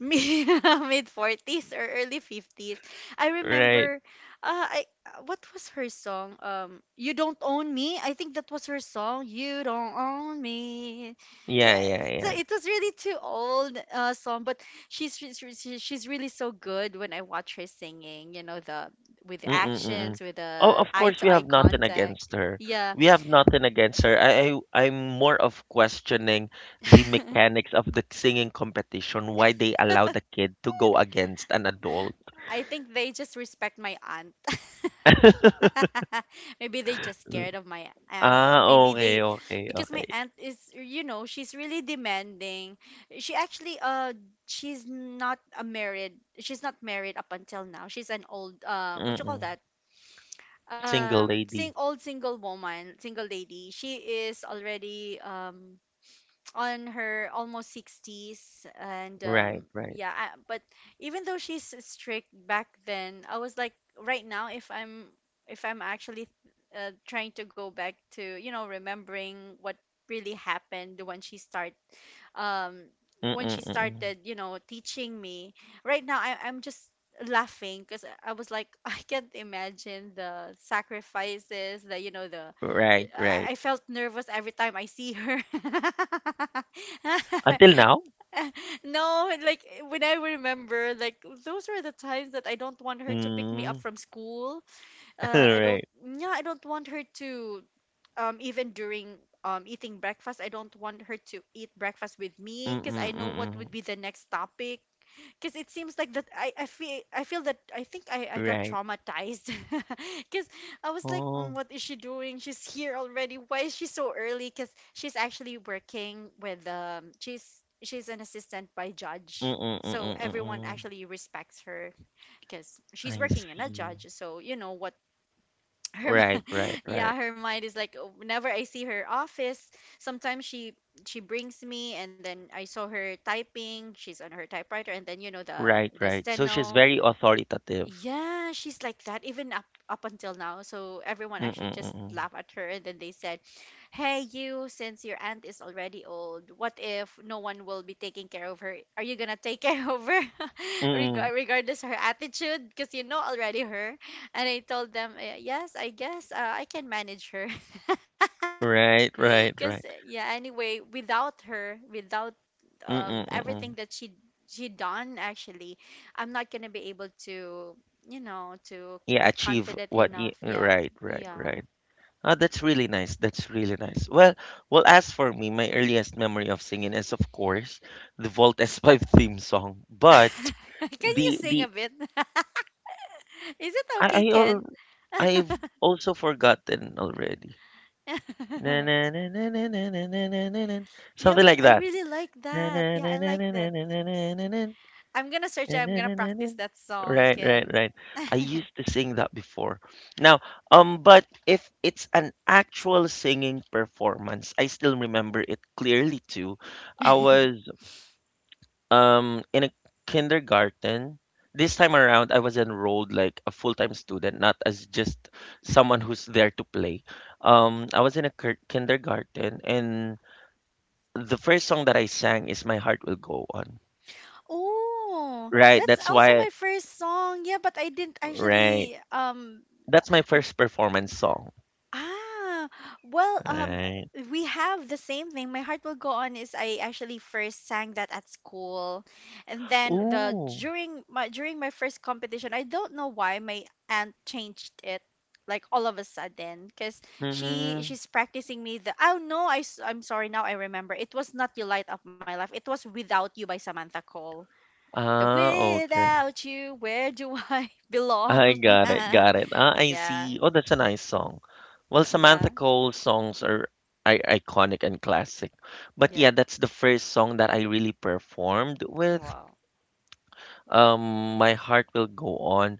mid forties [LAUGHS] or early fifties. I right? remember uh I uh, what was her song, um "You Don't Own Me," I think that was her song, "You Don't Own Me." Yeah, Yeah, yeah, so yeah. it was really too old uh song, but she's re- she- she- she's really so good when I watch her singing, you know, the, with Mm, the mm. actions, with Oh, the of eye course we to have eye nothing contact. against her. We Yeah. have nothing against her. I, I I'm more of questioning the [LAUGHS] mechanics of the singing competition, why they allow the kid to go against an adult. I think they just respect my aunt. [LAUGHS] Maybe they just scared of my aunt. Ah, Maybe they, okay, okay, because my okay. aunt is, you know, she's really demanding. She actually, uh, she's not a married, she's not married up until now. She's an old, uh, what you call Mm-mm. that? Single Um sing lady. old single woman, single lady. She is already um on her almost sixties, and Right, um right. yeah, I, but even though she's strict back then, I was like right now, if i'm if I'm actually, uh, trying to go back to, you know, remembering what really happened when she start, um when she Mm-mm-mm. started, you know, teaching me, right now, I, I'm just laughing because I was like, [LAUGHS] I can't imagine the sacrifices, the, you know, the, Right, right. I I felt nervous every time I see her. [LAUGHS] Until now? [LAUGHS] No, like when I remember, like those were the times that I don't want her to pick me up Mm. from school. [LAUGHS] Uh, I don't, Right. yeah, I don't want her to, um, even during, um eating breakfast, I don't want her to eat breakfast with me because I know what Mm-mm-mm. would be the next topic, because it seems like that I, I feel I feel that I think I, I got Right. traumatized [LAUGHS] because I was like, "Mm, Oh. what is she doing, she's here already, why is she so early, because she's actually working with, um she's she's an assistant by judge, so everyone Mm-mm-mm-mm. actually respects her because she's I working in a see. judge, so you know what her mi- Right, right, [LAUGHS] right. yeah her mind is like, "Oh, whenever I see her office, sometimes she she brings me, and then I saw her typing, she's on her typewriter, and then you know the Right, the right. So she's steno, very authoritative. yeah, she's like that even up up until now. So everyone Mm, actually mm, just mm, mm. laughed at her and then they said, "Hey you, since your aunt is already old, what if no one will be taking care of her? Are you going to take [LAUGHS] care of her, Mm, [LAUGHS] Reg- mm. regardless her attitude because you know already her?" And I told them, "Uh, yes, I guess uh, I can manage her." [LAUGHS] Right, right, Because right. yeah, anyway, without her, without, Mm, um mm, mm, everything mm. that she she done actually, I'm not gonna be able to, you know, to Yeah, be achieve confident what you, enough. Yeah. right, right, Yeah. right. Ah, that's really nice. That's really nice. Well, well, as for me, my earliest memory of singing is, of course, the Vault S five theme song. But [LAUGHS] Can you the sing a the bit? [LAUGHS] Is it I okay, I al Ken? I've also forgotten already. Na na [LAUGHS] na na na na na na na na na. Yeah, Something but like I that. really like Na na that. Yeah, na I na na like na that. na na na na. I'm gonna search, I'm gonna practice that song, Right, right, Ken. right. I used to sing that before. Now, um, but if it's an actual singing performance, I still remember it clearly too. I was um in a kindergarten. This time around, I was enrolled like a full-time student, not as just someone who's there to play. Um, I was in a kir- kindergarten, and the first song that I sang is "My Heart Will Go On." Oh, Right, that's that's also why. my first song. Yeah, but I didn't Right. actually, um, That's my first performance song, ah, well, um, right? uh, we have the same thing. My Heart Will Go On is, I actually first sang that at school, and then the Ooh. during my during my first competition, I don't know why my aunt changed it like all of a sudden because she Mm-mm. she's practicing me the, oh no, I s- I'm sorry, now I remember, it was not "You Light Up My Life," it was "Without You" by Samantha Cole, the Ah, okay. "Without You," where do I [LAUGHS] belong. I got it, got it. Ah, [LAUGHS] I Yeah. see. Oh, that's a nice song. Well, Samantha Yeah. Cole's songs are I iconic and classic. But Yeah. yeah, that's the first song that I really performed with. Wow. Um, My Heart Will Go On.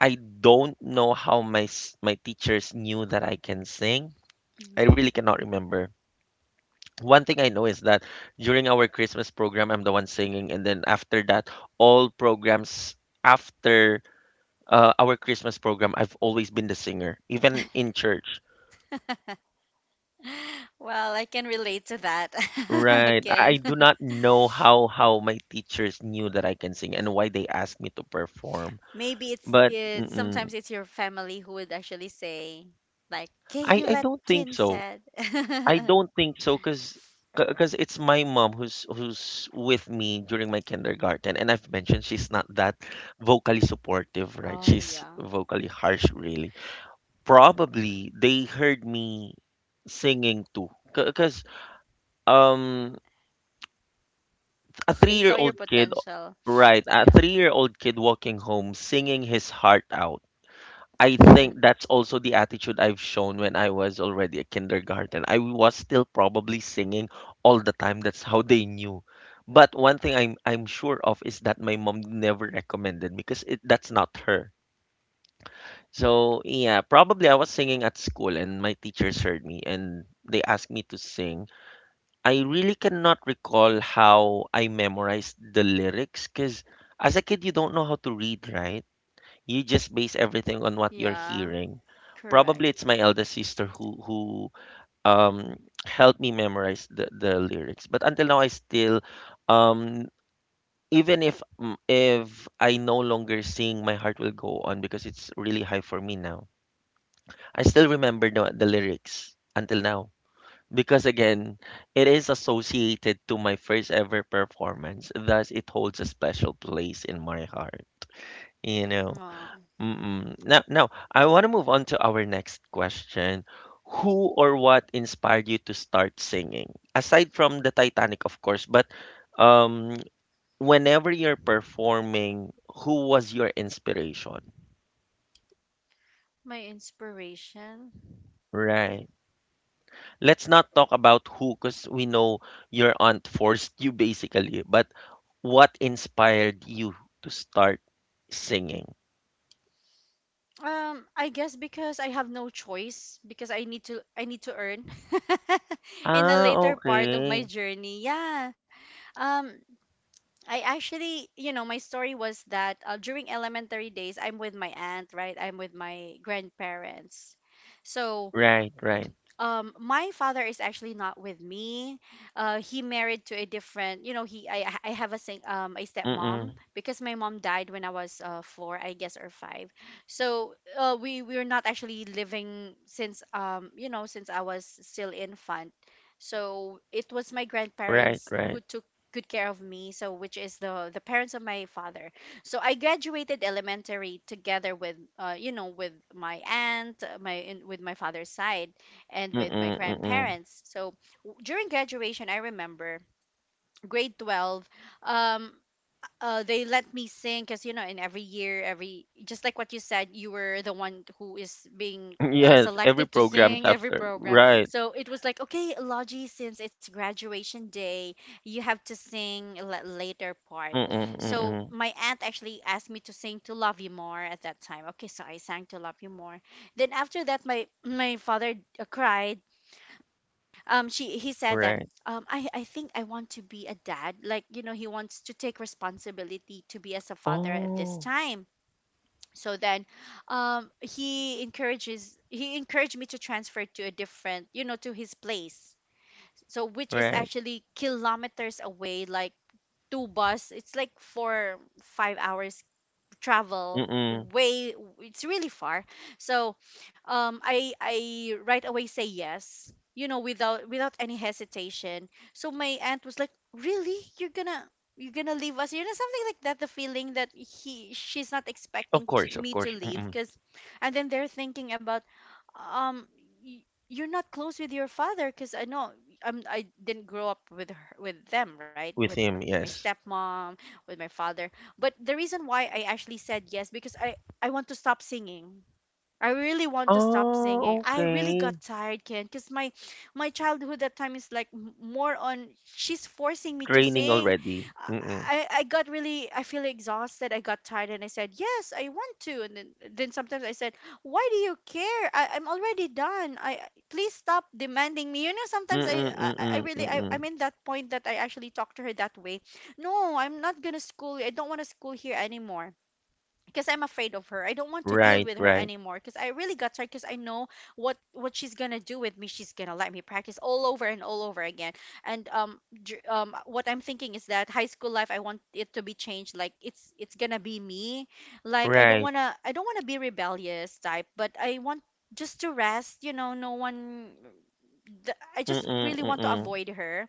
I don't know how my s- my teachers knew that I can sing. I Mhm. really cannot remember. One thing I know is that during our Christmas program, I'm the one singing, and then after that, all programs after uh, our Christmas program, I've always been the singer, even in church. [LAUGHS] Well, I can relate to that. [LAUGHS] Right. I I Again, do not know how how my teachers knew that I can sing and why they asked me to perform, maybe it's but it's mm-mm, sometimes it's your family who would actually say like, "Okay, I you I let don't Kin, think so. I [LAUGHS] don't think so because because it's my mom who's who's with me during my kindergarten, and I've mentioned she's not that vocally supportive, right? oh She's yeah, vocally harsh really. Probably they heard me singing too because um a they saw your three-year-old kid, potential. right, a Yeah, three-year-old kid walking home singing his heart out. I think [LAUGHS] that's also the attitude I've shown when I was already a kindergarten. I was still probably singing all the time. That's how they knew. But one thing I'm I'm sure of is that my mom never recommended, because it, that's not her. So yeah, probably I was singing at school and my teachers heard me and they asked me to sing. I really cannot recall how I memorized the lyrics because as a kid you don't know how to read, right? You just base everything on what you're yeah, hearing. correct. Probably it's my eldest sister who who um helped me memorize the, the lyrics. But until now I still, um even if mm, if I no longer sing, my heart will go on because it's really high for me now. I still remember the, the lyrics until now. Because again, it is associated to my first ever performance, thus it holds a special place in my heart. You know. Oh, Mm. Now now I wanna move on to our next question. Who or what inspired you to start singing? Aside from the Titanic, of course, but um whenever you're performing, who was your inspiration? my inspiration. Right. Let's not talk about who, because we know your aunt forced you basically, but what inspired you to start singing? Um, I guess because I have no choice because I need to I need to earn [LAUGHS] in the Ah, later part of my okay. journey. Yeah. Um, I actually, you know, my story was that uh, during elementary days, I'm with my aunt, right? I'm with my grandparents. So Right, right. um my father is actually not with me. Uh he married to a different, you know he I I have a sing um a stepmom Mm-mm. because my mom died when I was uh four, I guess, or five. So uh we we were not actually living since um you know since I was still infant. Right, So it right. was my grandparents who took good care of me, so which is the the parents of my father. So I graduated elementary together with uh you know with my aunt, uh, my in, with my father's side, and with my Mm-mm, mm-mm. grandparents. So w- during graduation, I remember, grade twelve, um, uh, they let me sing because you know in every year every just like what you said, you were the one who is being uh, Yes, every selected to programs sing every after. program. Right. So it was like, "Okay, Logie, since it's graduation day, you have to sing la- later part." Mm-mm, So mm-mm. my aunt actually asked me to sing "To Love You More" at that time. Okay, so I sang "To Love You More". Then after that, my my father uh, cried. um she he said that Right. um I I think I want to be a dad, like, you know, he wants to take responsibility to be as a father at this Oh, time. So then, um he encourages he encouraged me to transfer to a different, you know, to his place. So which is right. actually kilometers away, like, two bus, it's like four five hours travel Mm-mm. way, it's really far. So um i i right away say yes, you know, without without any hesitation. So my aunt was like, "Really, you're gonna you're gonna leave us," you know, something like that, the feeling that he she's not Of expecting to, course, of me to course. leave Mm-mm. because. And then they're thinking about, um y- you're not close with your father because I know, um, I didn't grow up with her, with them, right, with With my him, yes. stepmom, with my father. But the reason why I actually said yes because I I want to stop singing. I really want to stop singing. Oh, I really got okay. tired, Ken, because my my childhood that time is like m- more on she's forcing me to Training sing. already. Mm-mm. I, I got really I feel exhausted. I got tired and I said, "Yes, I want to," and then then sometimes I said, "Why do you care? I, I'm already done. I I- please stop demanding me. You know, sometimes I Mm-mm, I, I mm-mm, really I, mm-mm. I'm in that point that I actually talk to her that way. No, I'm not gonna school, I don't wanna school here anymore because I'm afraid of her. I don't want to deal Right, with her right, anymore because I really got tired because I know what what she's gonna do with me. She's gonna let me practice all over and all over again." And, um, dr- um, what I'm thinking is that high school life, I want it to be changed. Like, it's it's gonna be me. Like, I don't right. wanna I don't wanna be rebellious type, but I want just to rest. You know, no one. th- I just Mm-mm, really want to mm-mm. avoid her.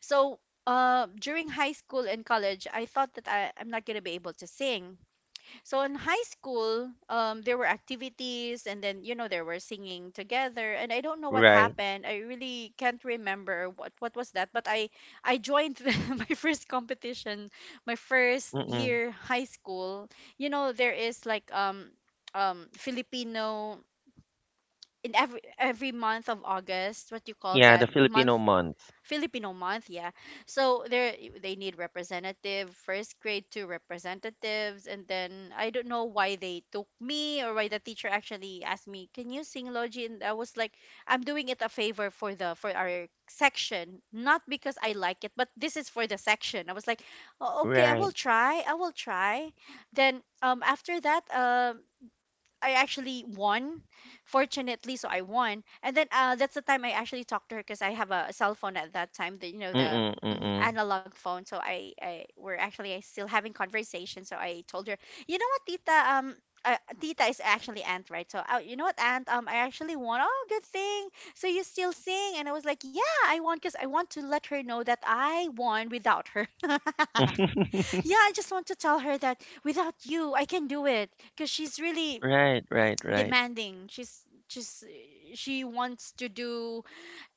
So. Uh, during high school and college, I thought that I, I'm not gonna be able to sing. So in high school, um, there were activities, and then, you know, there were singing together. And I don't know what Right. happened. I really can't remember what what was that. But I I joined [LAUGHS] my first competition, my first Mm-mm. year high school. You know there is like um um Filipino in every every month of August. What you call Yeah, the that month? Filipino month. Filipino month, yeah. So there they need representative first grade, two representatives, and then I don't know why they took me or why the teacher actually asked me, "Can you sing, Logi?" And I was like, "I'm doing it a favor for the for our section, not because I like it, but this is for the section." I was like, "Oh, okay, I Right. will try. I will try." Then, um after that, um I actually won, fortunately. So I won, and then, uh, that's the time I actually talked to her because I have a cell phone at that time. The you know the Mm-mm, mm, mm-mm. analog phone. So I, I we're actually I still having conversation. So I told her, "You know what, Tita, um. Uh, tita is actually aunt, right? So uh, you know what, aunt, um I actually won. Oh, good thing. So, "You still sing?" And I was like, "Yeah, I won," because I want to let her know that I won without her. [LAUGHS] [LAUGHS] Yeah, I just want to tell her that without you I can do it because she's really Right, right, right. demanding. She's just, she wants to do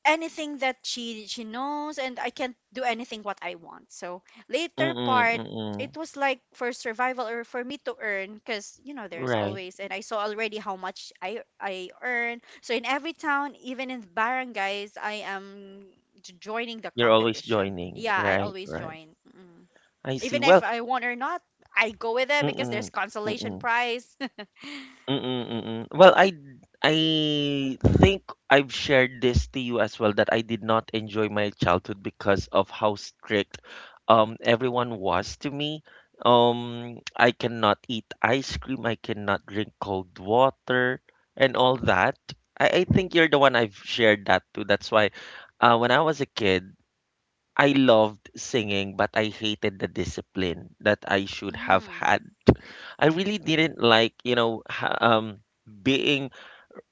anything that she she knows, and I can't do anything what I want. So later Mm-mm, part, it mm-mm. was like for survival or for me to earn because you know there's Right. always, and I saw already how much i i earn. So in every town, even in barangays, I am j- joining the You're always competition. joining. Yeah, I Right, always right. join mm. I see. Even if Well, I won or not, I go with it because there's mm-mm, consolation mm-mm, prize. mm-mm, mm-mm. Well, I I think I've shared this to you as well that I did not enjoy my childhood because of how strict um everyone was to me. Um, I cannot eat ice cream, I cannot drink cold water and all that. I, I think you're the one I've shared that to. That's why uh, when I was a kid, I loved singing, but I hated the discipline that I [LAUGHS] should have hmm had. I really didn't like, you know, ha- um, being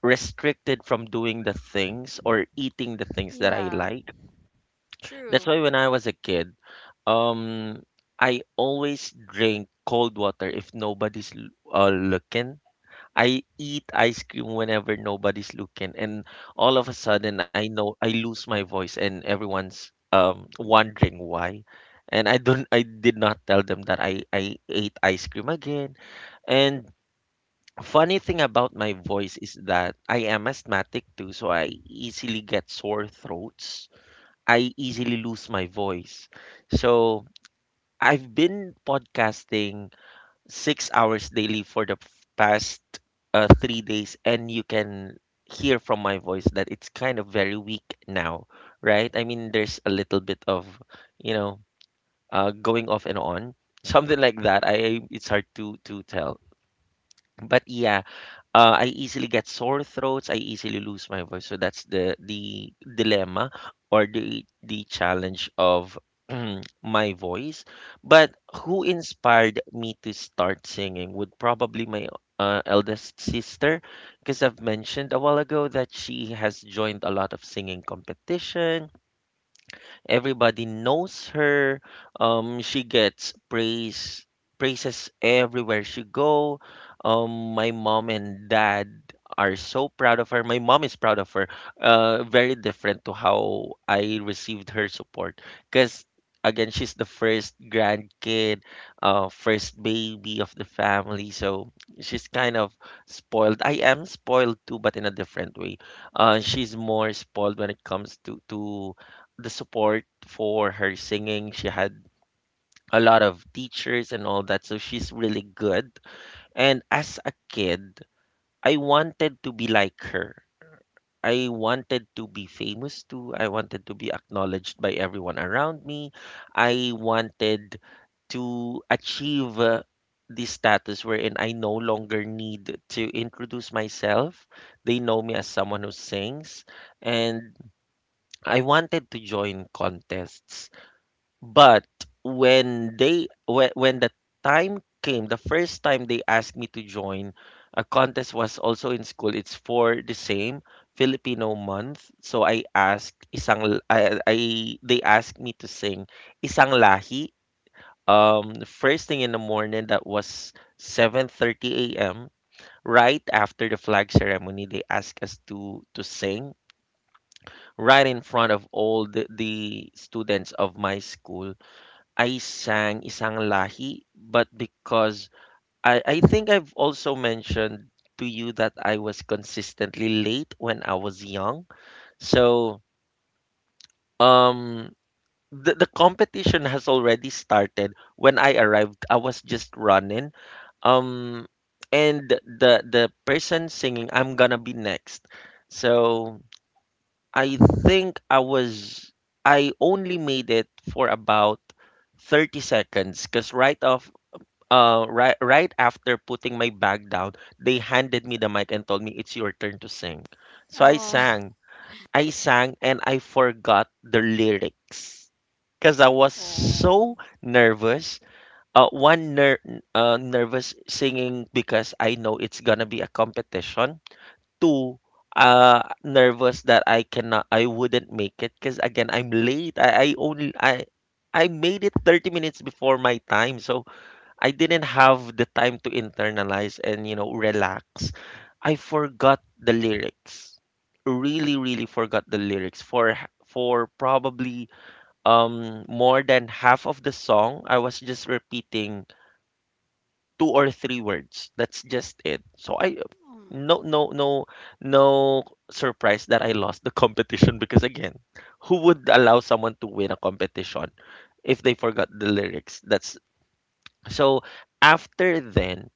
restricted from doing the things or eating the things that I yeah. like. That's True. why when I was a kid, um, I always drink cold water if nobody's l- uh, looking. I eat ice cream whenever nobody's looking, and all of a sudden, I know I lose my voice, and everyone's um wondering why. And I don't, I did not tell them that I I ate ice cream again, and funny thing about my voice is that I am asthmatic too, so I easily get sore throats. I easily lose my voice. So I've been podcasting six hours daily for the f- past uh, three days, and you can hear from my voice that it's kind of very weak now, right? I mean, there's a little bit of, you know, uh, going off and on, [LAUGHS] something like that. I It's hard to to tell, but yeah. Uh, I easily get sore throats. I easily lose my voice. So that's the the dilemma or the the challenge of [CLEARS THROAT] my voice. But who inspired me to start singing would probably my uh, eldest sister, because I've mentioned a while ago that she has joined a lot of singing competition. Everybody knows her. Um, she gets praise praises everywhere she go. Um, my mom and dad are so proud of her. My mom is proud of her. Uh, very different to how I received her support, because again she's the first grandkid, uh first baby of the family. So she's kind of spoiled. I am spoiled too, but in a different way. Uh she's more spoiled when it comes to to the support for her singing. She had a lot of teachers and all that, so she's really good. And as a kid, I wanted to be like her. I wanted to be famous too. I wanted to be acknowledged by everyone around me. I wanted to achieve uh, this status wherein I no longer need to introduce myself. They know me as someone who sings, and I wanted to join contests. But when they when, when the time came, the first time they asked me to join a contest was also in school. It's for the same Filipino month. So I asked isang l- I, I they asked me to sing isang lahi. Um, the first thing in the morning, that was seven thirty a m. Right after the flag ceremony, they asked us to to sing right in front of all the, the students of my school. I sang Isang Lahi, but because I, I think I've also mentioned to you that I was consistently late when I was young. So um the, the competition [LAUGHS] has already started. When I arrived, I was just running. Um and the the person singing, I'm gonna be next. So I think I was I only made it for about thirty seconds, because right off uh, right right after putting my bag down, they handed me the mic and told me it's your turn to sing. So I Oh. [LAUGHS] sang. I sang and I forgot the lyrics because I was Oh. so nervous. Uh, one ner- uh, nervous singing because I know it's gonna be a competition. Two, uh, nervous that I cannot, I wouldn't make it because again I'm late. I, I only I I made it thirty minutes before my time, so I didn't have the time to internalize and, you know, relax. I forgot the lyrics. Really, really forgot the lyrics for for probably um more than half of the song. I was just repeating two or three words. That's just it. So I Um, no no no no surprise that I lost the [LAUGHS] competition because again, who would allow someone to win a competition if they forgot the lyrics? That's so. After then,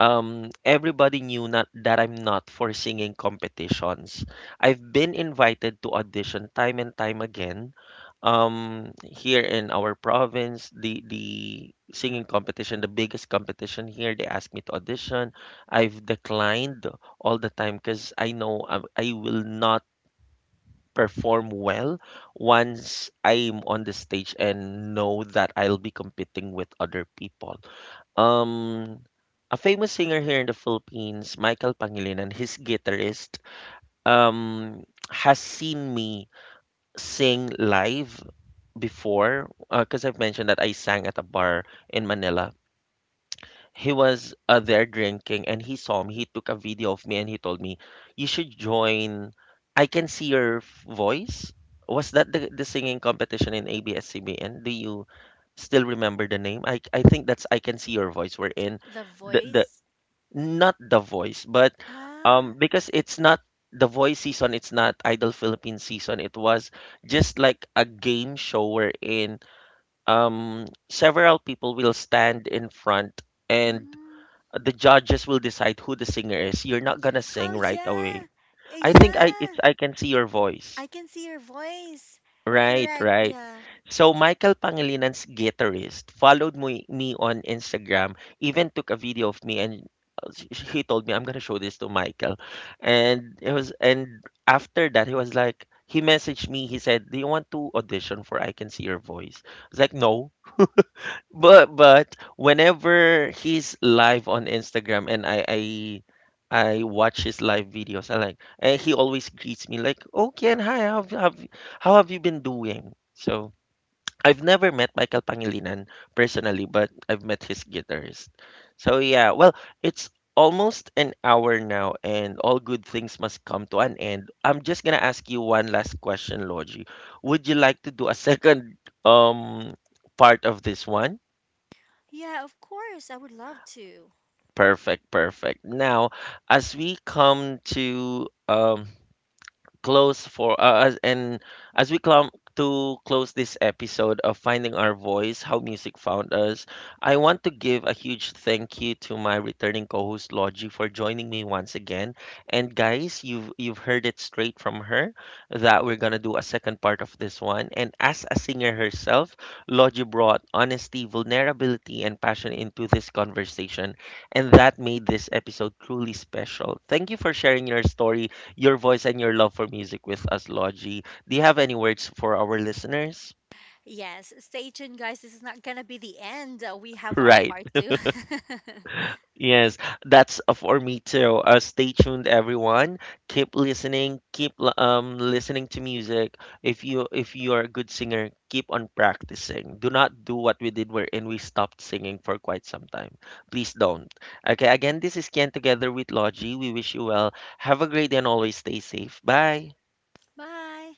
um, everybody knew, not, that I'm not for singing competitions. I've been invited to audition time and time again. Um, here in our province, the the singing competition, the biggest competition here, they asked me to audition. I've declined all the time because I know I, I will not perform well once I'm on the stage and know that I'll be competing with other people. Um, a famous singer here in the Philippines, Michael Pangilinan, his guitarist, um, has seen me sing live before, because I've mentioned that I sang at a bar in Manila. He was uh, there drinking and he saw me. He took a video of me and he told me, "You should join. I can see your f- voice." Was that the, the singing competition in A B S-C B N? Do you still remember the name? I, I think that's I Can See Your Voice. We're in the the, voice. not The Voice, but Ah. um because it's not The Voice season, it's not Idol Philippine season. It was just like a game show wherein um several people will stand in front and Mm. the judges will decide who the singer is. You're not gonna Oh, sing yeah. right away. uh, I Yeah. think I it's I Can See Your Voice. I can see your voice. Correct. Right, right. Yeah. So Michael Pangilinan's guitarist followed me, me on Instagram, even took a video of me, and uh, sh- sh- he told me, "I'm gonna show this to Michael." And it was and after that, he was like, he messaged me, he said, "Do you want to audition for I Can See Your Voice?" I was like, "No," but but whenever he's live on Instagram and I I I watch his live videos, I like, and he always greets me like, "Oh Ken, hi, how have, have how have you been doing?" So I've never met Michael Pangilinan personally, but I've met his guitarist. So yeah, well, it's almost an hour now, and all good things must come to an end. I'm just gonna ask you one last question, Logie. Would you like to do a [LAUGHS] second um part of this one? Yeah. Of course. I would love to. Perfect, perfect. Now, as we come to um close for uh, as and as we come to close this episode of Finding Our Voice, How Music Found Us. I want to give a huge thank you to my returning co-host Logie for joining me once again, and guys, you've you've heard it straight from her that we're gonna do a second part of this one. And as a singer herself, Logie brought honesty, vulnerability and passion into this conversation, and that made this episode truly special. Thank you for sharing your story, your voice and your love for music with us, Logie. Do you have any words for our listeners? Yes. Stay tuned, guys. This is not gonna be the end. Uh, We have [LAUGHS] our Right. part two. [LAUGHS] Yes, that's uh, for me too. Uh, stay tuned, everyone. Keep listening. Keep l- um listening to music. If you if you are a good singer, keep on practicing. Do not do what we did wherein we stopped singing for quite some time. Please don't. Okay. Again, this is Ken together with Logie. We wish you well. Have a great day and always stay safe. Bye. Bye.